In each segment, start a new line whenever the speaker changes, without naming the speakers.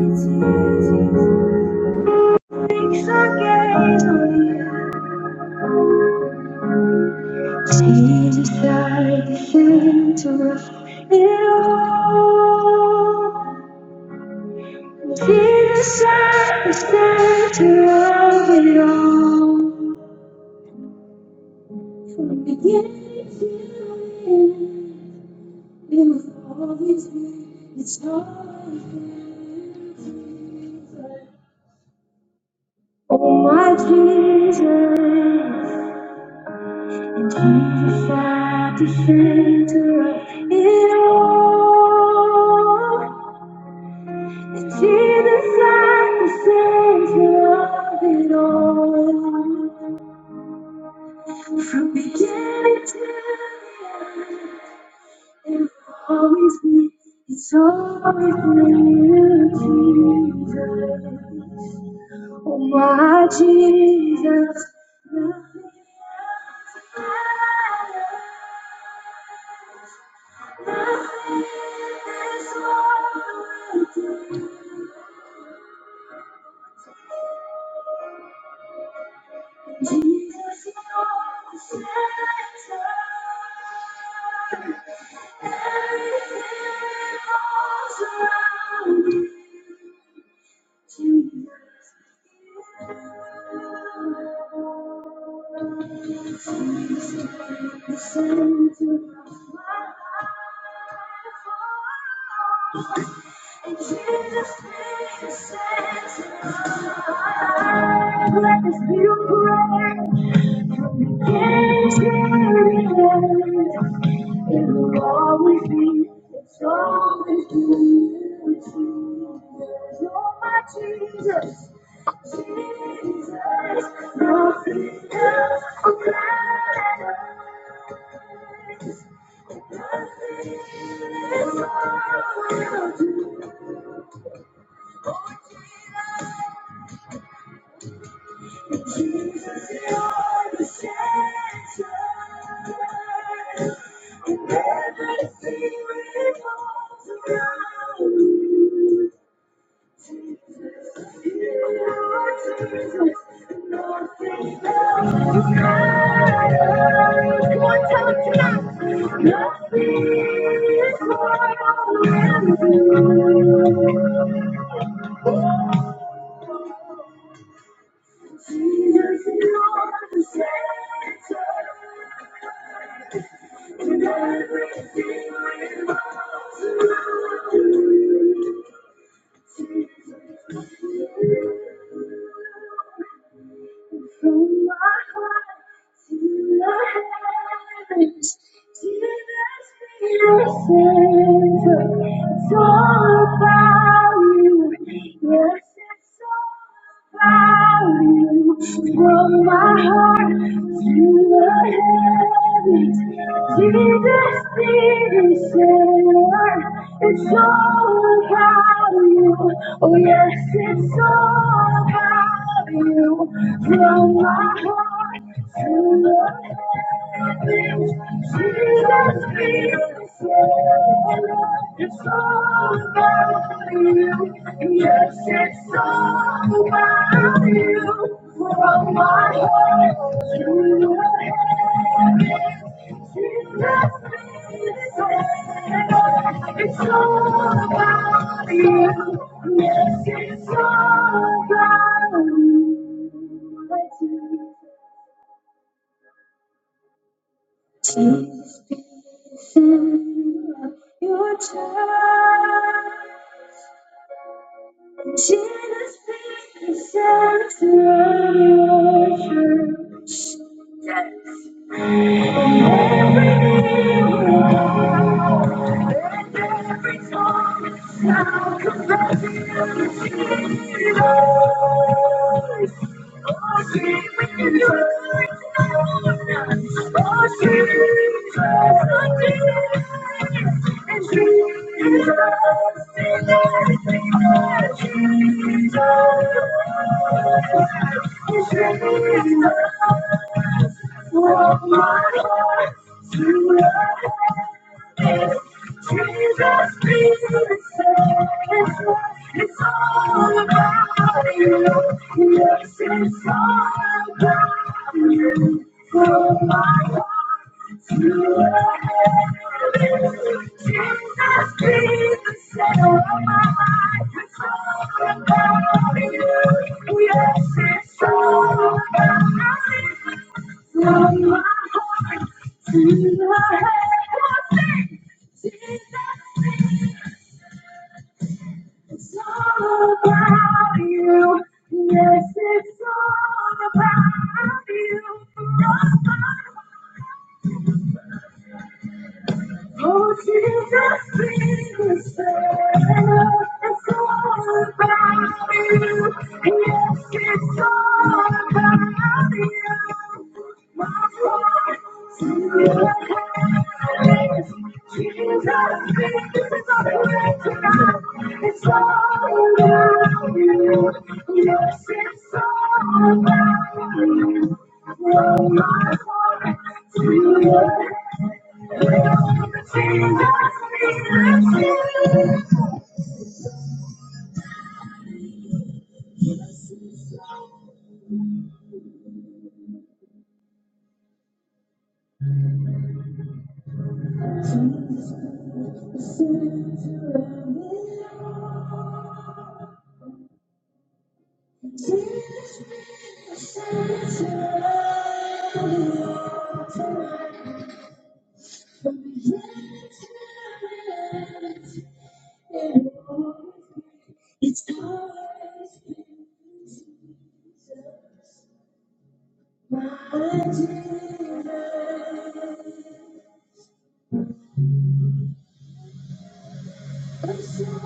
Fix our gaze on you. Jesus, I the center of it all. Jesus, at the center of it all. From beginning to end, it was always been, it's always been Jesus. Oh, my Jesus. Jesus at the center of it all. It's Jesus at the center of it all. From beginning to the end, it's always me. It's always been You, Jesus. Oh, my Jesus. nothing like Jesus, you're the center. Let this beautiful record get serious. It will always be, it's always been Jesus. Oh, my Jesus, Jesus, nothing but the center. And everything revolves Thank you. You are Jesus, and nothing else matters. Come on, tell him tonight. Nothing is more than you. Jesus, you are the center, and everything revolves around you. Jesus, From my heart to the heavens, to the spirit center. It's all about you. Yes, it's all about you. From my my heart to the heavens. Jesus, dear Savior, it's all about you. Oh, yes, it's all about you. From my heart to the heavens. It's all about you. Yes, it's all about you. From my heart to your head, you left It's all about you. Yes, it's all about you. Your child. Jesus, Jesus, Jesus, Jesus, my my heart heart to to Jesus Jesus It's it's all all all about about about You, You. You, yes, Yes, it's all about you. From my heart to the heavens, Jesus It's all about you. Yes, it's all about you. Oh, Jesus, It's all about you. Yes, it's all about you. It's all about you. Yes, it's all about you. my heart to your head, Jesus, we love you. It's all My Jesus,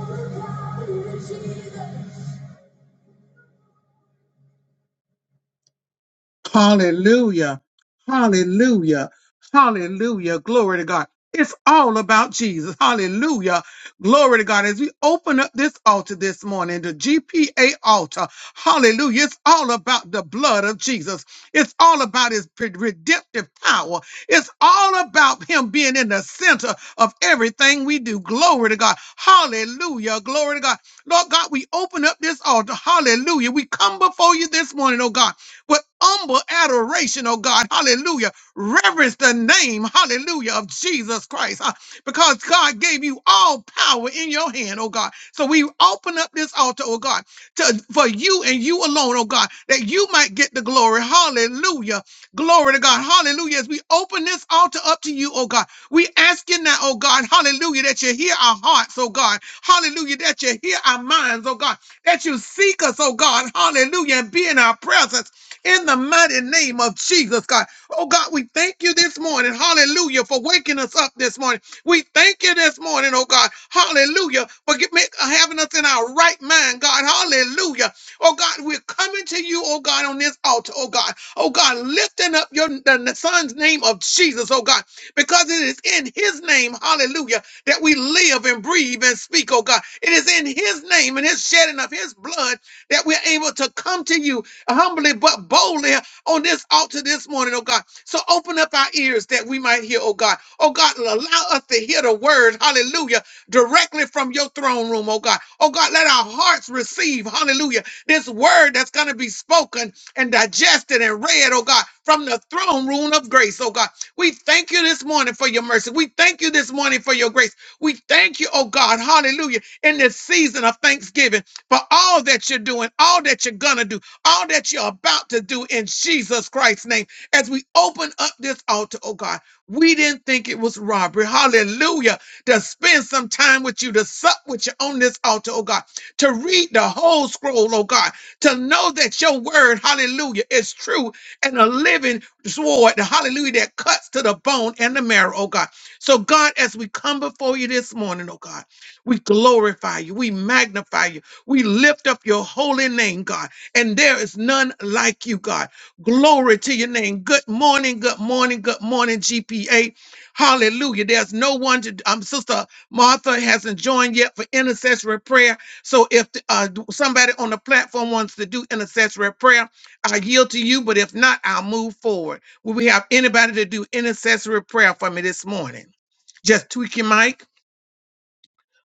Hallelujah. Hallelujah. Hallelujah. Glory to God. It's all about Jesus. Hallelujah. Glory to God. As we open up this altar this morning, the GPA altar, hallelujah. It's all about the blood of Jesus. It's all about his pre- redemptive power. It's all about him being in the center of everything we do. Glory to God. Hallelujah. Glory to God. Lord God, we open up this altar. Hallelujah. We come before you this morning, oh God with humble adoration, oh God, hallelujah. Reverence the name, hallelujah, of Jesus Christ, huh? because God gave you all power in your hand, oh God. So we open up this altar, oh God, to, for you and you alone, oh God, that you might get the glory, hallelujah. Glory to God, hallelujah. As we open this altar up to you, oh God, we ask you now, oh God, hallelujah, that you hear our hearts, oh God, hallelujah, that you hear our minds, oh God, that you seek us, oh God, hallelujah, and be in our presence in the mighty name of Jesus, God. Oh, God, we thank you this morning. Hallelujah for waking us up this morning. We thank you this morning, oh, God. Hallelujah for get, make, uh, having us in our right mind, God. Hallelujah. Oh, God, we're coming to you, oh, God, on this altar, oh, God. Oh, God, lifting up your the son's name of Jesus, oh, God, because it is in his name, hallelujah, that we live and breathe and speak, oh, God. It is in his name and his shedding of his blood that we're able to come to you humbly but boldly on this altar this morning, oh God. So open up our ears that we might hear, oh God. Oh God, allow us to hear the word, hallelujah, directly from your throne room, oh God. Oh God, let our hearts receive, hallelujah, this word that's going to be spoken and digested and read, oh God, from the throne room of grace, oh God. We thank you this morning for your mercy. We thank you this morning for your grace. We thank you, oh God, hallelujah, in this season of thanksgiving for all that you're doing, all that you're going to do, all that you're about to do in Jesus Christ's name. As we open up this altar, oh God, we didn't think it was robbery. Hallelujah. To spend some time with you, to sup with you on this altar, oh God, to read the whole scroll, oh God, to know that your word, hallelujah, is true and a living sword, the hallelujah that cuts to the bone and the marrow, oh God. So, God, as we come before you this morning, oh God, we glorify you, we magnify you. We lift up your holy name, God, and there is none like you, God. Glory to your name. Good morning, good morning, good morning, GPA. Hallelujah. There's no one to, um, Sister Martha hasn't joined yet for intercessory prayer. So if uh, somebody on the platform wants to do intercessory prayer, I yield to you. But if not, I'll move forward. Will we have anybody to do intercessory prayer for me this morning? Just tweak your mic.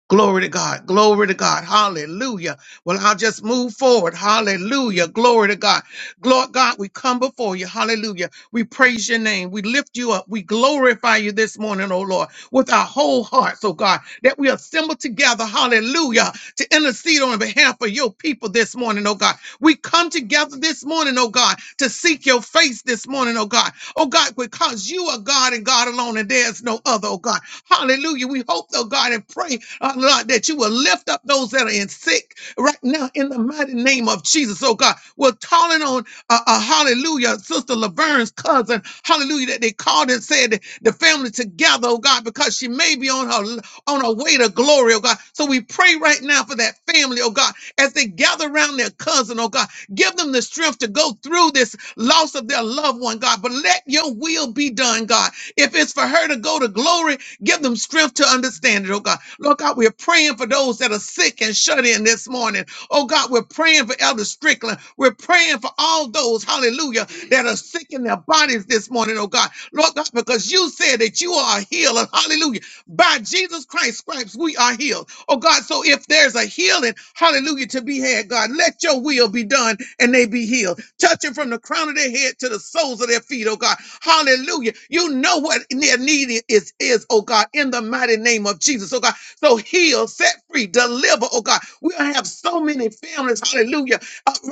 Glory to God. Glory to God. Hallelujah. Well, I'll just move forward. Hallelujah. Glory to God. Lord God, we come before you. Hallelujah. We praise your name. We lift you up. We glorify you this morning, oh Lord, with our whole hearts, oh God, that we assemble together. Hallelujah to intercede on behalf of your people this morning, oh God. We come together this morning, oh God, to seek your face this morning, oh God. Oh God, because you are God and God alone, and there's no other, oh God. Hallelujah. We hope, oh God, and pray, oh Lord, that you will lift up those that are in sick right now in the mighty name of Jesus, oh God. We're calling on uh, uh, hallelujah, Sister Laverne's cousin, hallelujah, that they called and said that the family together, oh God, because because she may be on her on her way to glory, oh God. So we pray right now for that family, oh God, as they gather around their cousin, oh God. Give them the strength to go through this loss of their loved one, God. But let your will be done, God. If it's for her to go to glory, give them strength to understand it, oh God. Lord God, we're praying for those that are sick and shut in this morning. Oh God, we're praying for Elder Strickland. We're praying for all those, hallelujah, that are sick in their bodies this morning, oh God. Lord God, because you said that you are a healer. Hallelujah. By Jesus Christ's stripes, we are healed. Oh God, so if there's a healing, hallelujah, to be had, God, let your will be done and they be healed. Touching from the crown of their head to the soles of their feet, oh God. Hallelujah. You know what their need is, is, oh God, in the mighty name of Jesus, oh God. So heal, set free, deliver, oh God. We have so many families, hallelujah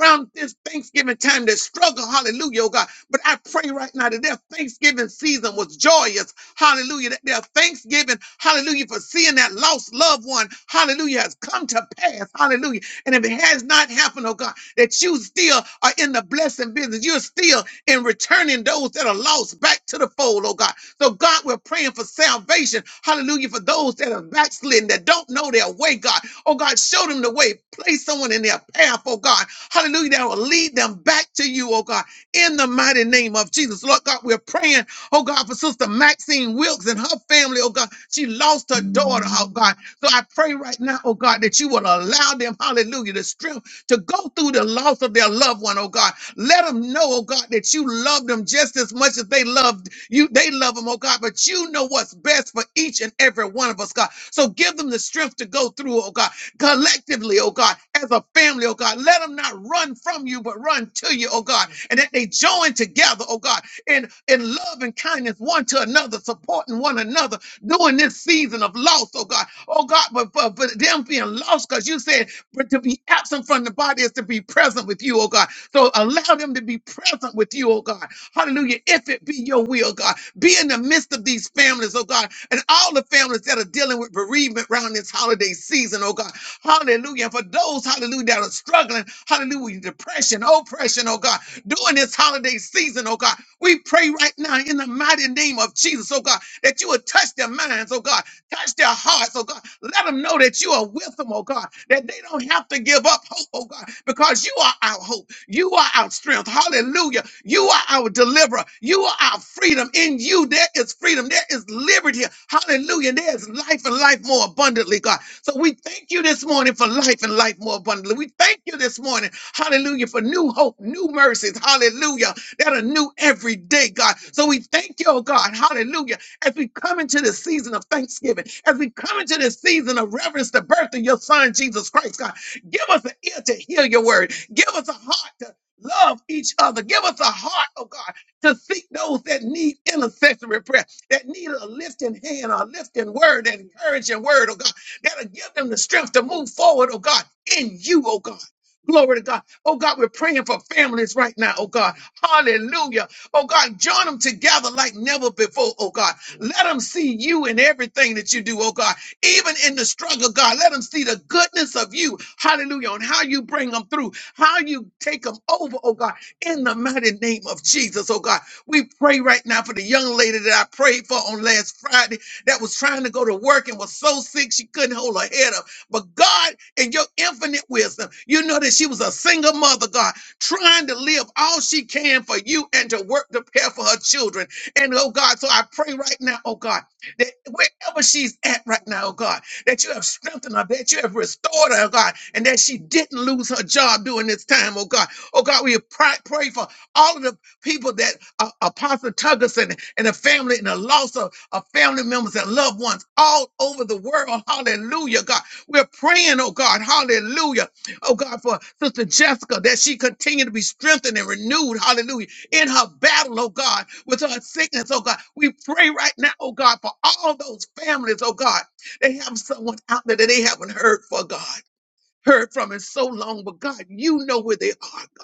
around this Thanksgiving time that struggle, hallelujah, oh God. But I pray right now that their Thanksgiving season was joyous, hallelujah, that their Thanksgiving, hallelujah, for seeing that lost loved one, hallelujah, has come to pass, hallelujah and if it has not happened, oh God, that you still are in the blessing business, you're still in returning those that are lost back to the fold, oh God. So, God, we're praying for salvation. Hallelujah. For those that are backslidden, that don't know their way, God. Oh, God, show them the way. Place someone in their path, oh God. Hallelujah. That will lead them back to you, oh God in the mighty name of Jesus. Lord God, we're praying, oh God, for Sister Maxine Wilkes and her family, oh God. She lost her daughter, oh God. So I pray right now, oh God, that you will allow them, hallelujah, the strength to go through the loss of their loved one, oh God. Let them know, oh God, that you love them just as much as they loved you. They love them, oh God, but you know what's best for each and every one of us, God. So give them the strength to go through, oh God, collectively, oh God as a family, oh God. Let them not run from you, but run to you, oh God. And that they join together, oh God, in, in love and kindness one to another, supporting one another during this season of loss, oh God. Oh God, but, but, but them being lost, because you said, but to be absent from the body is to be present with you, oh God. So allow them to be present with you, oh God. Hallelujah. If it be be your will, God. Be in the midst of these families, oh God, and all the families that are dealing with bereavement around this holiday season, oh God. Hallelujah. And for those, hallelujah, that are struggling, hallelujah, with depression, oppression, oh God, during this holiday season, oh God, we pray right now in the mighty name of Jesus, oh God, that you would touch their minds, oh God, touch their hearts, oh God. Let them know that you are your wisdom, oh God, that they don't have to give up hope, oh God, because you are our hope. You are our strength. Hallelujah. You are our deliverer. You are our freedom. In you, there is freedom. There is liberty. Hallelujah. There is life and life more abundantly, God. So we thank you this morning for life and life more abundantly. We thank you this morning, hallelujah, for new hope, new mercies, hallelujah, that are new every day, God. So we thank you, oh God, hallelujah as we come into this season of thanksgiving, as we come into this season of reverence, the birth of your son, Jesus Christ, God. Give us an ear to hear your word. Give us a heart to love each other. Give us a heart, oh God, to seek those that need intercessory prayer, that need a lifting hand, a lifting word, an encouraging word, oh God, that'll give them the strength to move forward, oh God, in you, oh God. Glory to God. Oh God, we're praying for families right now, oh God. Hallelujah. Oh God, join them together like never before. Oh God, let them see you in everything that you do. Oh God, even in the struggle, God, let them see the goodness of you. Hallelujah. And how you bring them through, how you take them over. Oh God, in the mighty name of Jesus. Oh God, we pray right now for the young lady that I prayed for on last Friday that was trying to go to work and was so sick she couldn't hold her head up. But God, in your infinite wisdom, you know that she was a single mother, God trying to live all she can for you and to work to care for her children. And oh God, so I pray right now, oh God, that wherever she's at right now, oh God, that you have strengthened her, that you have restored her, oh God, and that she didn't lose her job during this time, oh God. Oh God, we pray, pray for all of the people that uh, Apostle Tuggerson and the family and the loss of, of family members and loved ones all over the world. Hallelujah, God. We're praying, oh God, hallelujah Oh God, for Sister Jessica, that she continue to be strengthened and renewed, hallelujah, in her battle, oh God, with her sickness, oh God. We pray right now, oh God, for all those families, oh God. They have someone out there that they haven't heard for God, heard from in so long, but God, you know where they are, God.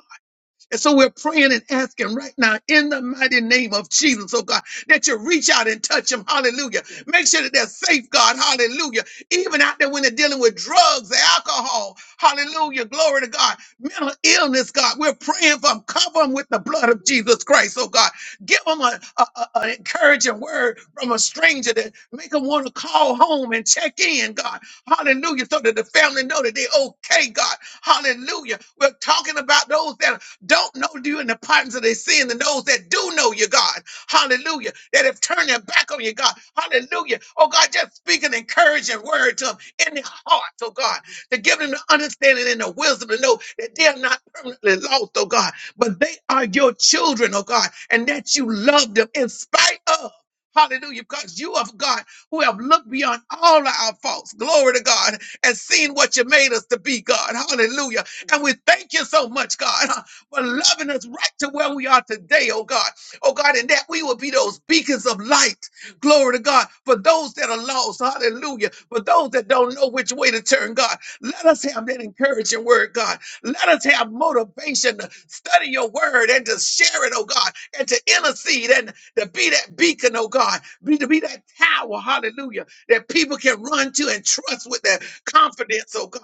And so we're praying and asking right now in the mighty name of Jesus, oh God, that you reach out and touch them. Hallelujah. Make sure that they're safe, God. Hallelujah. Even out there when they're dealing with drugs, alcohol. Hallelujah. Glory to God. Mental illness, God. We're praying for them. Cover them with the blood of Jesus Christ, oh God. Give them a, a, a- an encouraging word from a stranger that make them want to call home and check in, God. Hallelujah. So that the family know that they're okay, God. Hallelujah. We're talking about those that don't know you in the partners of their sin, and those that do know you, God, hallelujah, that have turned their back on you, God, hallelujah. Oh, God, just speak an encouraging word to them in their hearts, oh, God, to give them the understanding and the wisdom to know that they are not permanently lost, oh, God, but they are your children, oh, God, and that you love them in spite of. Hallelujah, because you of God who have looked beyond all of our faults, glory to God, and seen what you made us to be, God. Hallelujah. And we thank you so much, God. for loving us right to where we are today, oh God. Oh God, and that we will be those beacons of light. Glory to God. For those that are lost, hallelujah. For those that don't know which way to turn, God, let us have that encouraging word, God. Let us have motivation to study your word and to share it, oh God, and to intercede and to be that beacon, oh God, be to be that tower, hallelujah, that people can run to and trust with their confidence, oh God.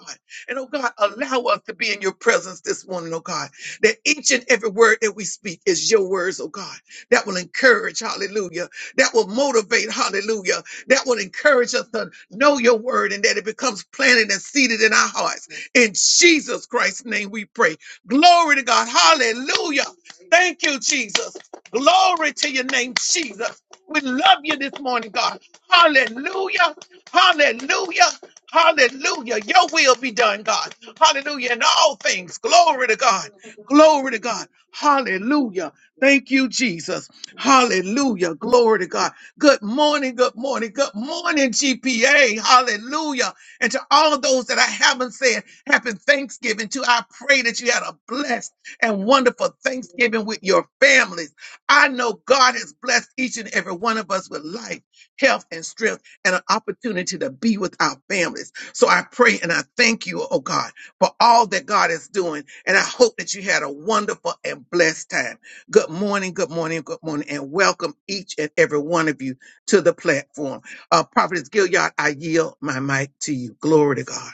And oh God, allow us to be in your presence this morning, oh God that each and every word that we speak is your words, oh God, that will encourage, hallelujah, that will motivate, hallelujah, that will encourage us to know your word and that it becomes planted and seated in our hearts. In Jesus Christ's name we pray. Glory to God. Hallelujah. Thank you, Jesus. Glory to your name, Jesus. We love you this morning, God. Hallelujah. Hallelujah. Hallelujah. Your will be done, God. Hallelujah. In all things. Glory to God. Glory to God. Hallelujah. Thank you, Jesus. Hallelujah. Glory to God. Good morning. Good morning. Good morning, GPA. Hallelujah. And to all those that I haven't said, happy Thanksgiving to. I pray that you had a blessed and wonderful Thanksgiving with your families. I know God has blessed each and every one of us with life, health, and strength and an opportunity to be with our families. So I pray and I thank you, oh God for all that God is doing. And I hope that you had a wonderful and blessed time. Good morning, good morning, good morning, and welcome each and every one of you to the platform. Uh, Prophetess Gilliard, I yield my mic to you. Glory to God.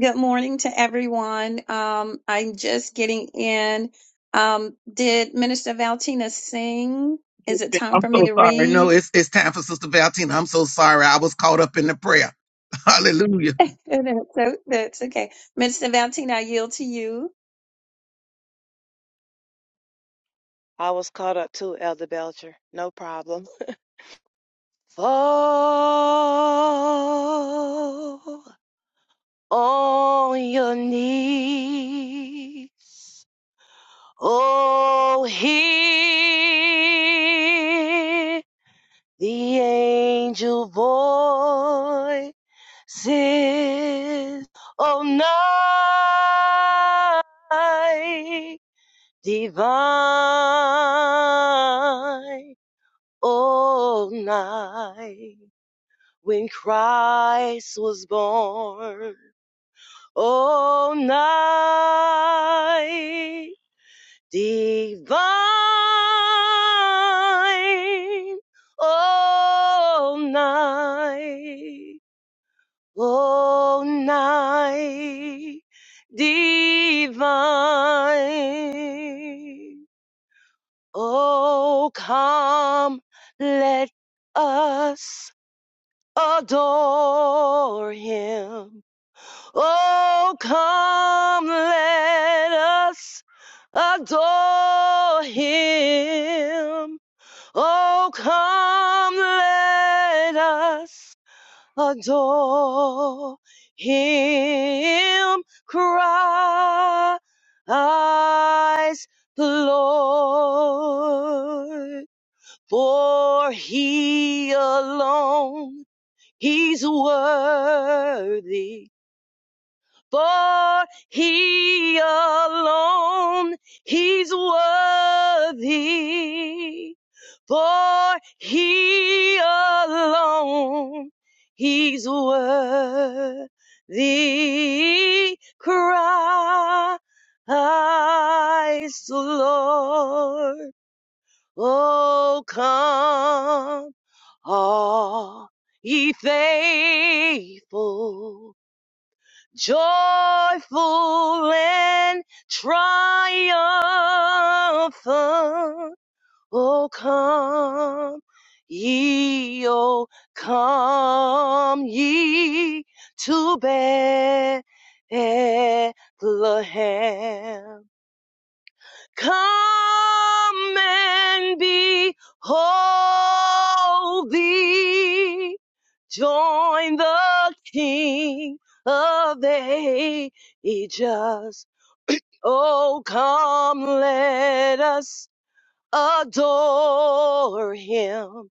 Good morning to everyone. Um, I'm just getting in. Um, did Minister Valtina sing? Is it time
I'm
for me
so
to
sorry. No,
read?
it's it's time for Sister Valentina. I'm so sorry. I was caught up in the prayer. Hallelujah.
that's, o- that's okay. Minister Valtina, I yield to you.
I was caught up too, Elder Belcher. No problem. Fall on your knees. Oh, hear the angel voices. Oh, night divine all night when Christ was born. All night divine. All night, all night divine. Oh, come, let us adore him. Oh, come, let us adore him. Oh, come, let us adore him. Christ the Lord, for he alone He's worthy, for he alone, he's worthy, for he alone, he's worthy. Christ the Lord, oh come are ye faithful, joyful, and triumphant? Oh, come ye, oh, come ye to Bethlehem. Come and behold thee. Join the King of Ages. Oh, come, let us adore him.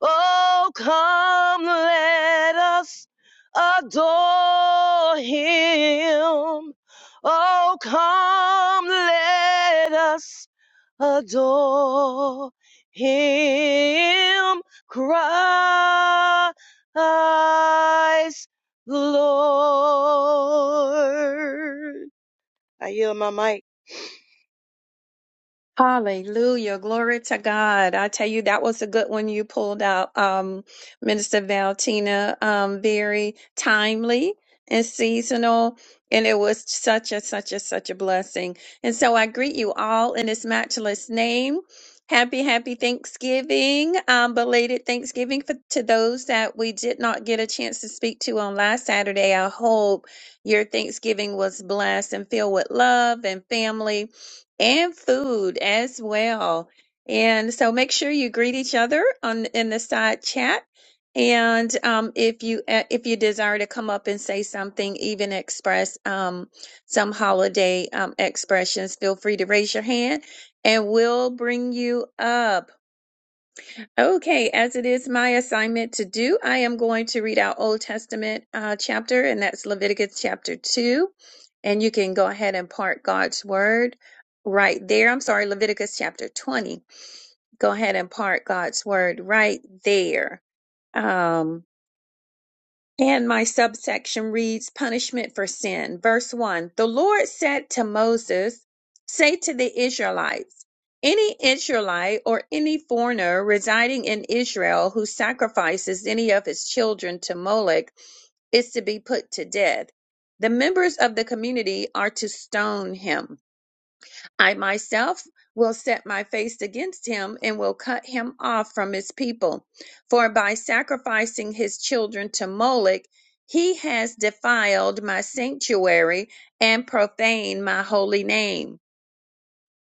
Oh, come, let us adore him. Oh, come, let us adore him Christ the Lord. I yield my mic.
Hallelujah. Glory to God. I tell you, that was a good one you pulled out, um, Minister Valentina. Um, very timely and seasonal. And it was such a, such a, such a blessing. And so I greet you all in his matchless name. Happy, happy Thanksgiving. Um, belated Thanksgiving for, to those that we did not get a chance to speak to on last Saturday. I hope your Thanksgiving was blessed and filled with love and family and food as well. And so make sure you greet each other on in the side chat. And um, if you uh, if you desire to come up and say something, even express um, some holiday um, expressions, feel free to raise your hand, and we'll bring you up. Okay, as it is my assignment to do, I am going to read our Old Testament uh, chapter, and that's Leviticus chapter 2. And you can go ahead and part God's word right there. I'm sorry, Leviticus chapter 20. Go ahead and part God's word right there. Um, and my subsection reads Punishment for Sin. Verse 1 The Lord said to Moses, Say to the Israelites, any Israelite or any foreigner residing in Israel who sacrifices any of his children to Molech is to be put to death. The members of the community are to stone him. I myself will set my face against him and will cut him off from his people. For by sacrificing his children to Moloch, he has defiled my sanctuary and profaned my holy name.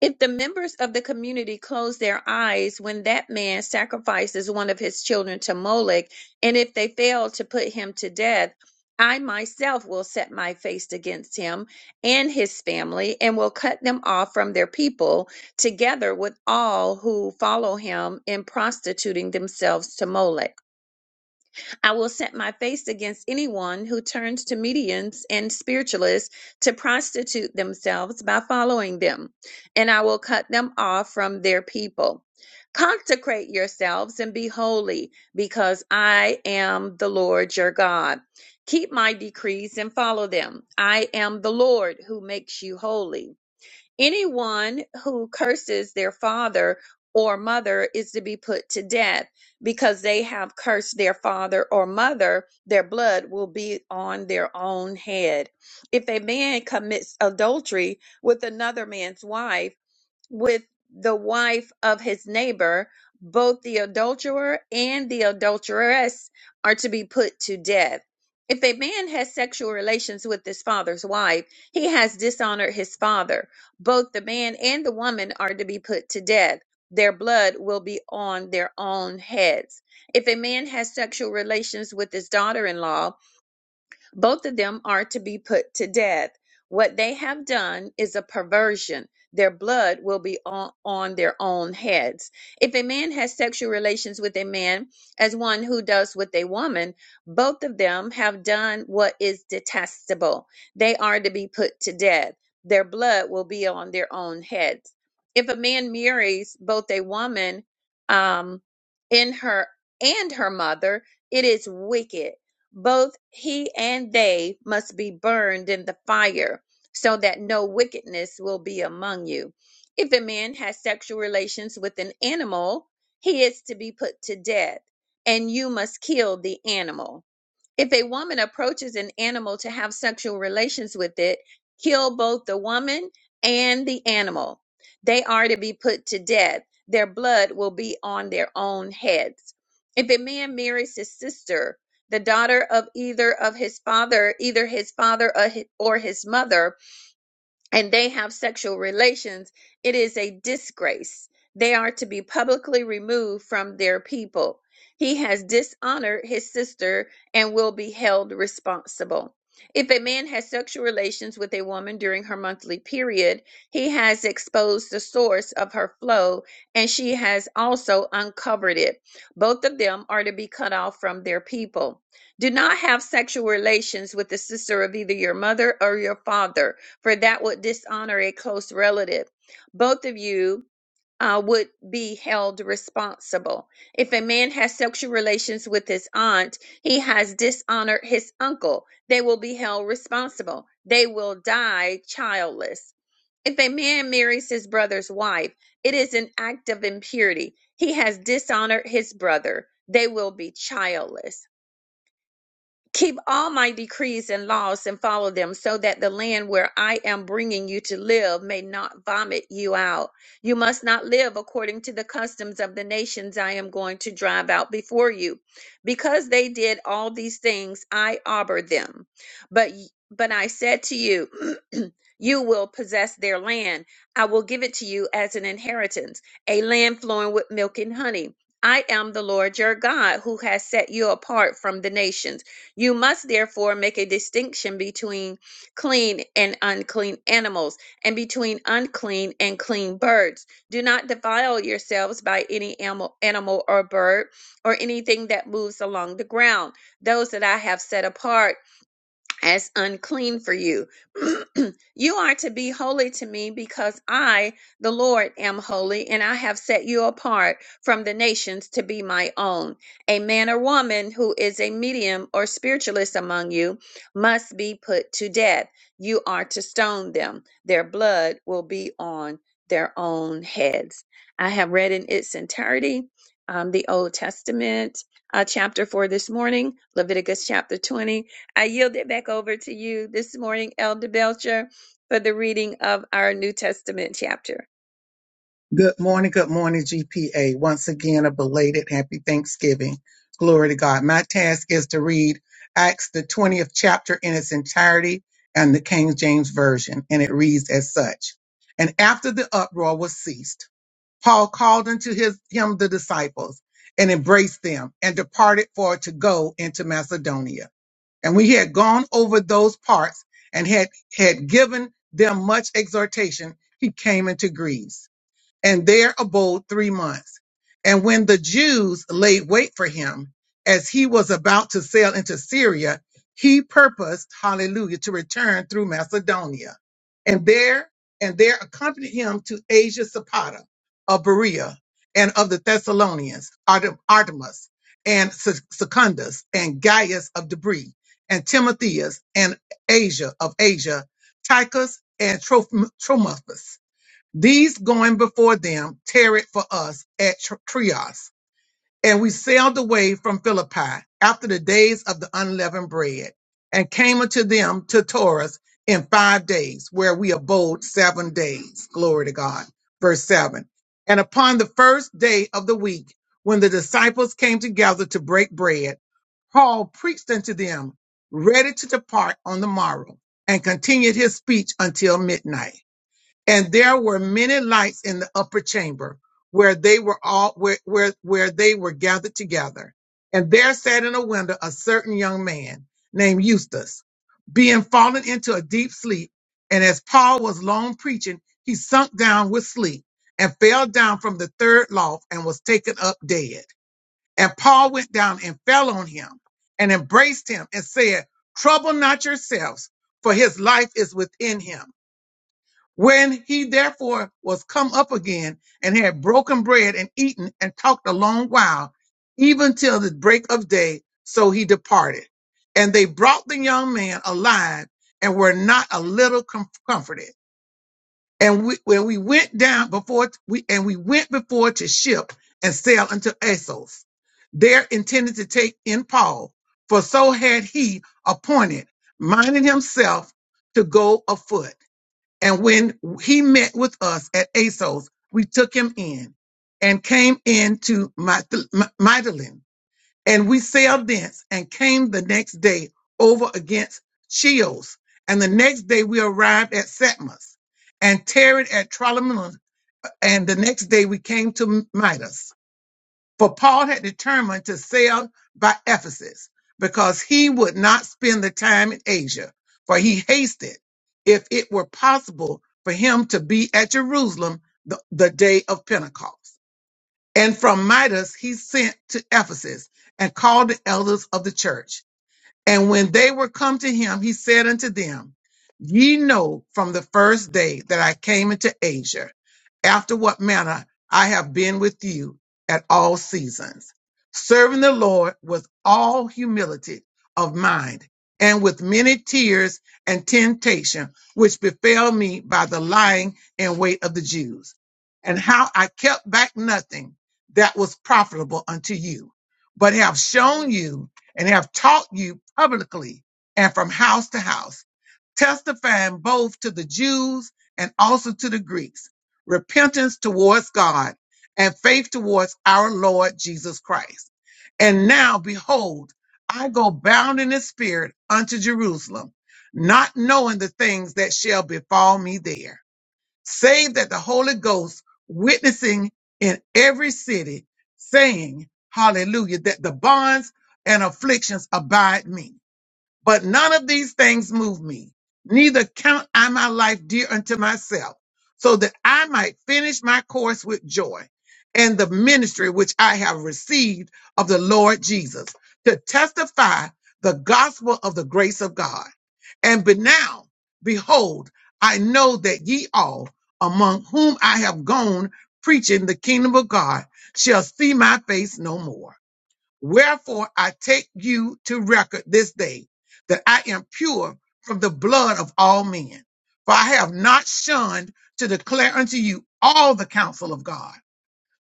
If the members of the community close their eyes when that man sacrifices one of his children to Molech, and if they fail to put him to death, I myself will set my face against him and his family, and will cut them off from their people, together with all who follow him in prostituting themselves to Molech. I will set my face against anyone who turns to mediums and spiritualists to prostitute themselves by following them, and I will cut them off from their people. Consecrate yourselves and be holy, because I am the Lord your God. Keep my decrees and follow them. I am the Lord who makes you holy. Anyone who curses their father or mother is to be put to death because they have cursed their father or mother. Their blood will be on their own head. If a man commits adultery with another man's wife, with the wife of his neighbor, both the adulterer and the adulteress are to be put to death. If a man has sexual relations with his father's wife, he has dishonored his father. Both the man and the woman are to be put to death. Their blood will be on their own heads. If a man has sexual relations with his daughter in law, both of them are to be put to death. What they have done is a perversion. Their blood will be on, on their own heads. If a man has sexual relations with a man as one who does with a woman, both of them have done what is detestable. They are to be put to death. Their blood will be on their own heads. If a man marries both a woman um, in her and her mother, it is wicked both he and they must be burned in the fire, so that no wickedness will be among you. If a man has sexual relations with an animal, he is to be put to death, and you must kill the animal. If a woman approaches an animal to have sexual relations with it, kill both the woman and the animal. They are to be put to death. Their blood will be on their own heads. If a man marries his sister, the daughter of either of his father, either his father or hi- or his mother, and they have sexual relations, it is a disgrace. They are to be publicly removed from their people. He has dishonored his sister and will be held responsible. If a man has sexual relations with a woman during her monthly period, he has exposed the source of her flow and she has also uncovered it. Both of them are to be cut off from their people. Do not have sexual relations with the sister of either your mother or your father for that would dishonor a close relative. Both of you uh, would be held responsible. If a man has sexual relations with his aunt, he has dishonored his uncle. They will be held responsible. They will die childless. If a man marries his brother's wife, it is an act of impurity. He has dishonored his brother. They will be childless. Keep all my decrees and laws and follow them, so that the land where I am bringing you to live may not vomit you out. You must not live according to the customs of the nations I am going to drive out before you. Because they did all these things, I abhor them. But, but I said to you, You will possess their land. I will give it to you as an inheritance, a land flowing with milk and honey. I am the Lord your God who has set you apart from the nations you must therefore make a distinction between clean and unclean animals, and between unclean and clean birds. Do not defile yourselves by any animal, animal or bird, or anything that moves along the ground. Those that I have set apart as unclean for you. you are to be holy to me because I, the Lord, am holy and I have set you apart from the nations to be my own. A man or woman who is a medium or spiritualist among you must be put to death. You are to stone them. Their blood will be on their own heads. I have read in its entirety um, the Old Testament uh, chapter for this morning, Leviticus chapter 20. I yield it back over to you this morning, Elder Belcher, for the reading of our New Testament chapter.
Good morning, good morning, GPA. Once again, a belated happy Thanksgiving. Glory to God. My task is to read Acts, the 20th chapter in its entirety and the King James Version, and it reads as such. And after the uproar was ceased, Paul called unto his, him the disciples and embraced them and departed for to go into Macedonia. And we had gone over those parts and had, had given them much exhortation, he came into Greece and there abode three months. And when the Jews laid wait for him, as he was about to sail into Syria, he purposed, hallelujah, to return through Macedonia. And there, and there accompanied him to Asia Sapata of Berea and of the Thessalonians, Artem- Artemus and Se- Secundus and Gaius of Debris and Timotheus and Asia of Asia, Tychus and Troph- Trophimus these going before them tarried for us at Tr- Trias, and we sailed away from Philippi after the days of the unleavened bread, and came unto them to Taurus in five days, where we abode seven days. Glory to God. Verse 7. And upon the first day of the week, when the disciples came together to break bread, Paul preached unto them, ready to depart on the morrow, and continued his speech until midnight and there were many lights in the upper chamber where they were all where where, where they were gathered together and there sat in a window a certain young man named eustace being fallen into a deep sleep and as paul was long preaching he sunk down with sleep and fell down from the third loft and was taken up dead and paul went down and fell on him and embraced him and said trouble not yourselves for his life is within him when he therefore was come up again and had broken bread and eaten and talked a long while, even till the break of day, so he departed. And they brought the young man alive and were not a little com- comforted. And we, when we went down before we, and we went before to ship and sail unto Assos, there intended to take in Paul, for so had he appointed, minding himself to go afoot. And when he met with us at ASOS, we took him in and came into Myth- M- Mytilene. And we sailed thence and came the next day over against Chios. And the next day we arrived at Satmos and tarried at Trolemon. And the next day we came to Midas for Paul had determined to sail by Ephesus because he would not spend the time in Asia, for he hasted if it were possible for him to be at Jerusalem the, the day of Pentecost. And from Midas he sent to Ephesus and called the elders of the church. And when they were come to him, he said unto them, Ye know from the first day that I came into Asia, after what manner I have been with you at all seasons, serving the Lord with all humility of mind and with many tears and temptation, which befell me by the lying and weight of the Jews, and how I kept back nothing that was profitable unto you, but have shown you and have taught you publicly and from house to house, testifying both to the Jews and also to the Greeks, repentance towards God and faith towards our Lord Jesus Christ. And now, behold, I go bound in the Spirit unto Jerusalem, not knowing the things that shall befall me there save that the Holy Ghost witnessing in every city, saying, Hallelujah, that the bonds and afflictions abide me. But none of these things move me. Neither count I my life dear unto myself, so that I might finish my course with joy and the ministry which I have received of the Lord Jesus to testify the gospel of the grace of God. And but now, behold, I know that ye all among whom I have gone preaching the kingdom of God shall see my face no more. Wherefore I take you to record this day that I am pure from the blood of all men. For I have not shunned to declare unto you all the counsel of God.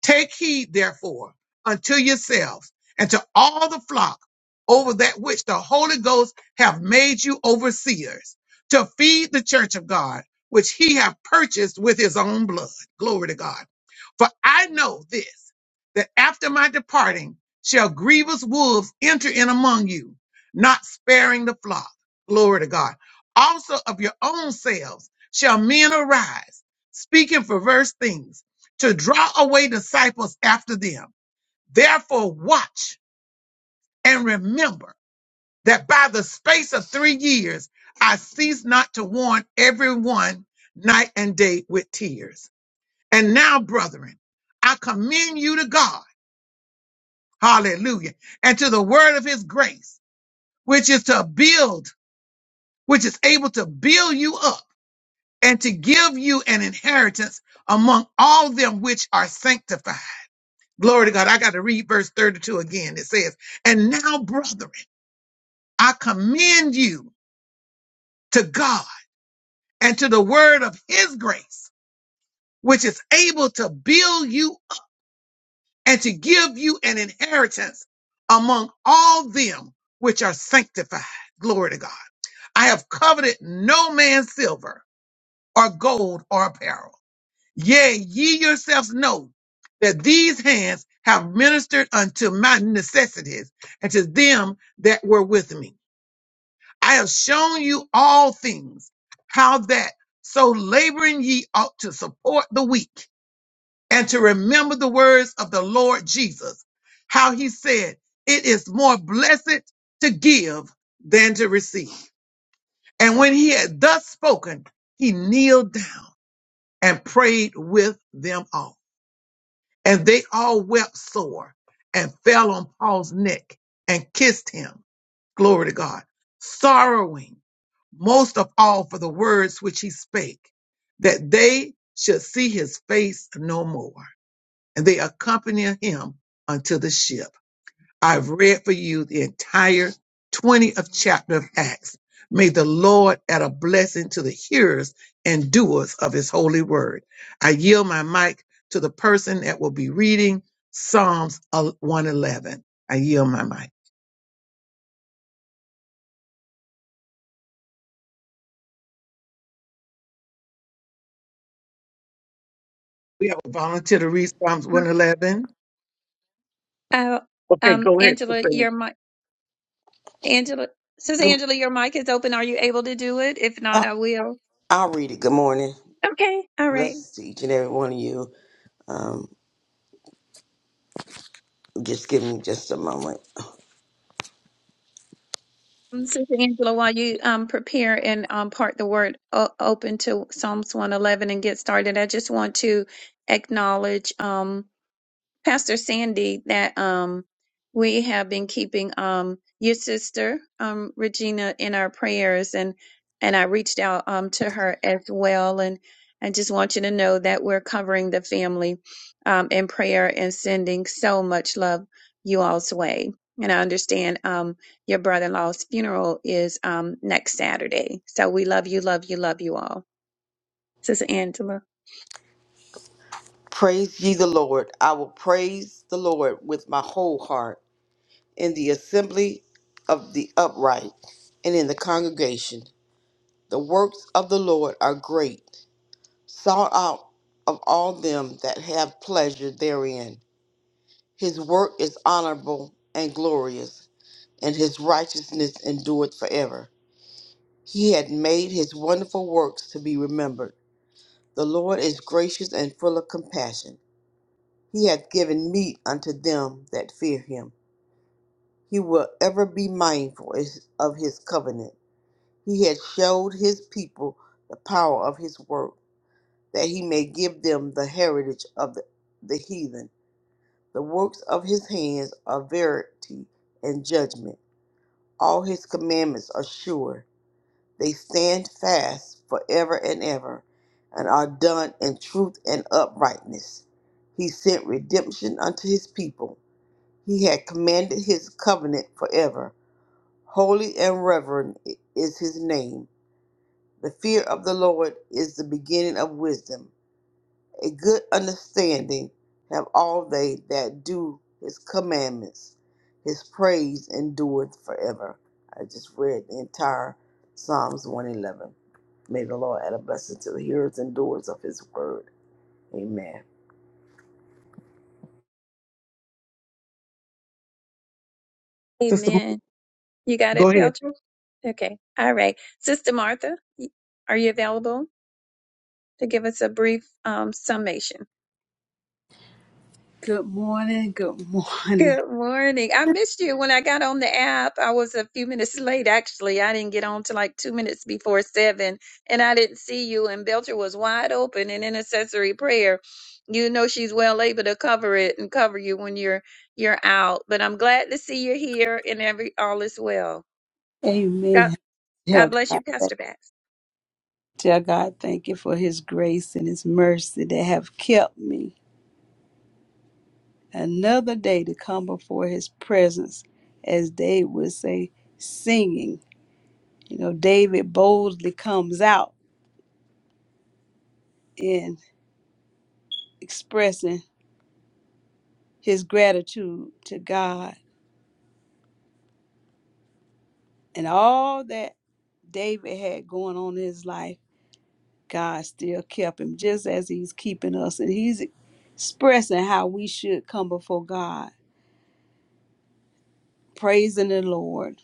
Take heed, therefore, unto yourselves and to all the flock over that which the Holy Ghost hath made you overseers, to feed the church of God, which he hath purchased with his own blood. Glory to God. For I know this, that after my departing shall grievous wolves enter in among you, not sparing the flock. Glory to God. Also of your own selves shall men arise, speaking perverse things to draw away disciples after them. Therefore, watch and remember that by the space of three years, I cease not to warn everyone night and day with tears. And now, brethren, I commend you to God, hallelujah, and to the word of his grace, which is to build, which is able to build you up and to give you an inheritance among all them which are sanctified Glory to God. I got to read verse 32 again. It says, And now, brethren, I commend you to God and to the word of his grace, which is able to build you up and to give you an inheritance among all them which are sanctified. Glory to God. I have coveted no man's silver or gold or apparel. Yea, ye yourselves know that these hands have ministered unto my necessities and to them that were with me. I have shown you all things, how that so laboring ye ought to support the weak and to remember the words of the Lord Jesus, how he said, It is more blessed to give than to receive. And when he had thus spoken, he kneeled down and prayed with them all. And they all wept sore and fell on Paul's neck and kissed him. Glory to God. Sorrowing most of all for the words which he spake, that they should see his face no more. And they accompanied him unto the ship. I've read for you the entire 20th chapter of Acts. May the Lord add a blessing to the hearers and doers of his holy word. I yield my mic to the person that will be reading Psalms 111. I yield my mic. We have a volunteer to read Psalms 111.
Uh,
Okay,
um,
go ahead.
Angela,
Sister,
your mic, Angela, Sister
Good,
Angela, your mic is open. Are you able to do it? If not,
I-
I will.
I'll read it. Good morning.
Okay, all right.
Blessings to each and every one of you. Um, just give me just a moment.
Um, Sister Angela, while you um, prepare and um, part the word o- open to Psalms 111 and get started, I just want to acknowledge. um. Pastor Sandy that um we have been keeping um your sister um Regina in our prayers and and I reached out um to her as well and I just want you to know that we're covering the family um in prayer and sending so much love you all's way. And I understand um your brother-in-law's funeral is um next Saturday. So we love you, love you, love you all. Sister Angela.
Praise ye the Lord. I will praise the Lord with my whole heart in the assembly of the upright and in the congregation. The works of the Lord are great, sought out of all them that have pleasure therein. His work is honorable and glorious, and his righteousness endureth forever. He had made his wonderful works to be remembered. The Lord is gracious and full of compassion. He hath given meat unto them that fear him. He will ever be mindful is- of his covenant. He hath showed his people the power of his work, that he may give them the heritage of the, the heathen. The works of his hands are verity and judgment. All his commandments are sure. They stand fast forever and ever and are done in truth and uprightness. He sent redemption unto his people. He had commanded his covenant forever. Holy and reverend is his name. The fear of the Lord is the beginning of wisdom. A good understanding have all they that do his commandments. His praise endureth forever. I just read the entire Psalms 111. May the Lord add a blessing to the hearers and doers of his word. Amen.
Sister,
Amen. You got
go
it,
ahead.
Belcher? Okay. All right. Sister Martha, y- are you available to give us a brief um, summation?
Good morning. Good morning.
Good morning. I missed you when I got on the app. I was a few minutes late, actually. I didn't get on till like two minutes before seven, and I didn't see you. And Belcher was wide open in intercessory prayer. You know she's well able to cover it and cover you when you're you're out. But I'm glad to see you're here and every all is well. God
Amen. Dear
God bless you,
God, thank-
Pastor Pat.
dear God, thank you for his grace and his mercy that have kept me another day to come before his presence, as David would say, singing. You know, David boldly comes out in expressing his gratitude to God and all that David had going on in his life. God still kept him just as he's keeping us. And he's expressing how we should come before God, praising the Lord.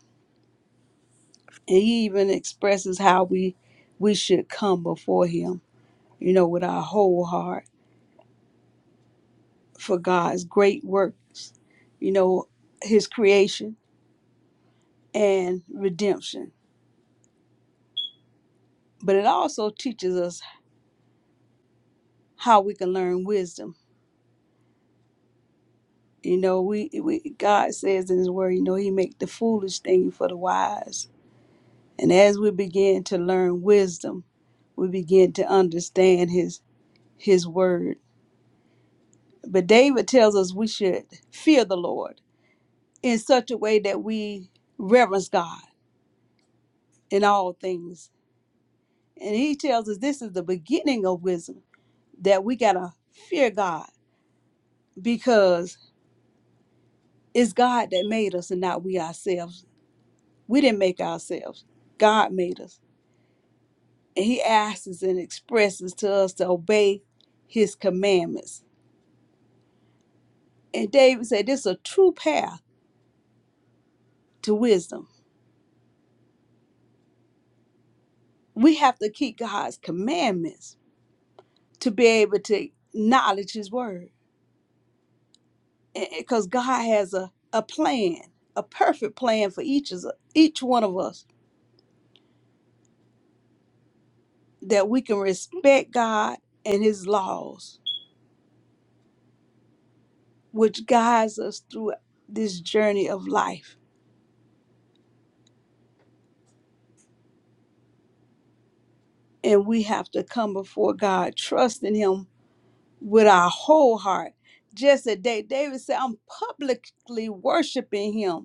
And he even expresses how we we should come before him, you know, with our whole heart for God's great works, you know, his creation and redemption. But it also teaches us how we can learn wisdom. You know, we, we God says in his word, you know, he make the foolish thing for the wise And as we begin to learn wisdom, we begin to understand his his word. But David tells us we should fear the Lord in such a way that we reverence God in all things. And he tells us this is the beginning of wisdom that we got to fear God because it's God that made us and not we ourselves. We didn't make ourselves. God made us. And he asks us and expresses to us to obey his commandments And David said, This is a true path to wisdom. We have to keep God's commandments to be able to acknowledge His word. Because God has a, a plan, a perfect plan for each, of, each one of us that we can respect God and His laws, which guides us through this journey of life. And we have to come before God, trusting Him with our whole heart. Just as Da- David said, I'm publicly worshiping Him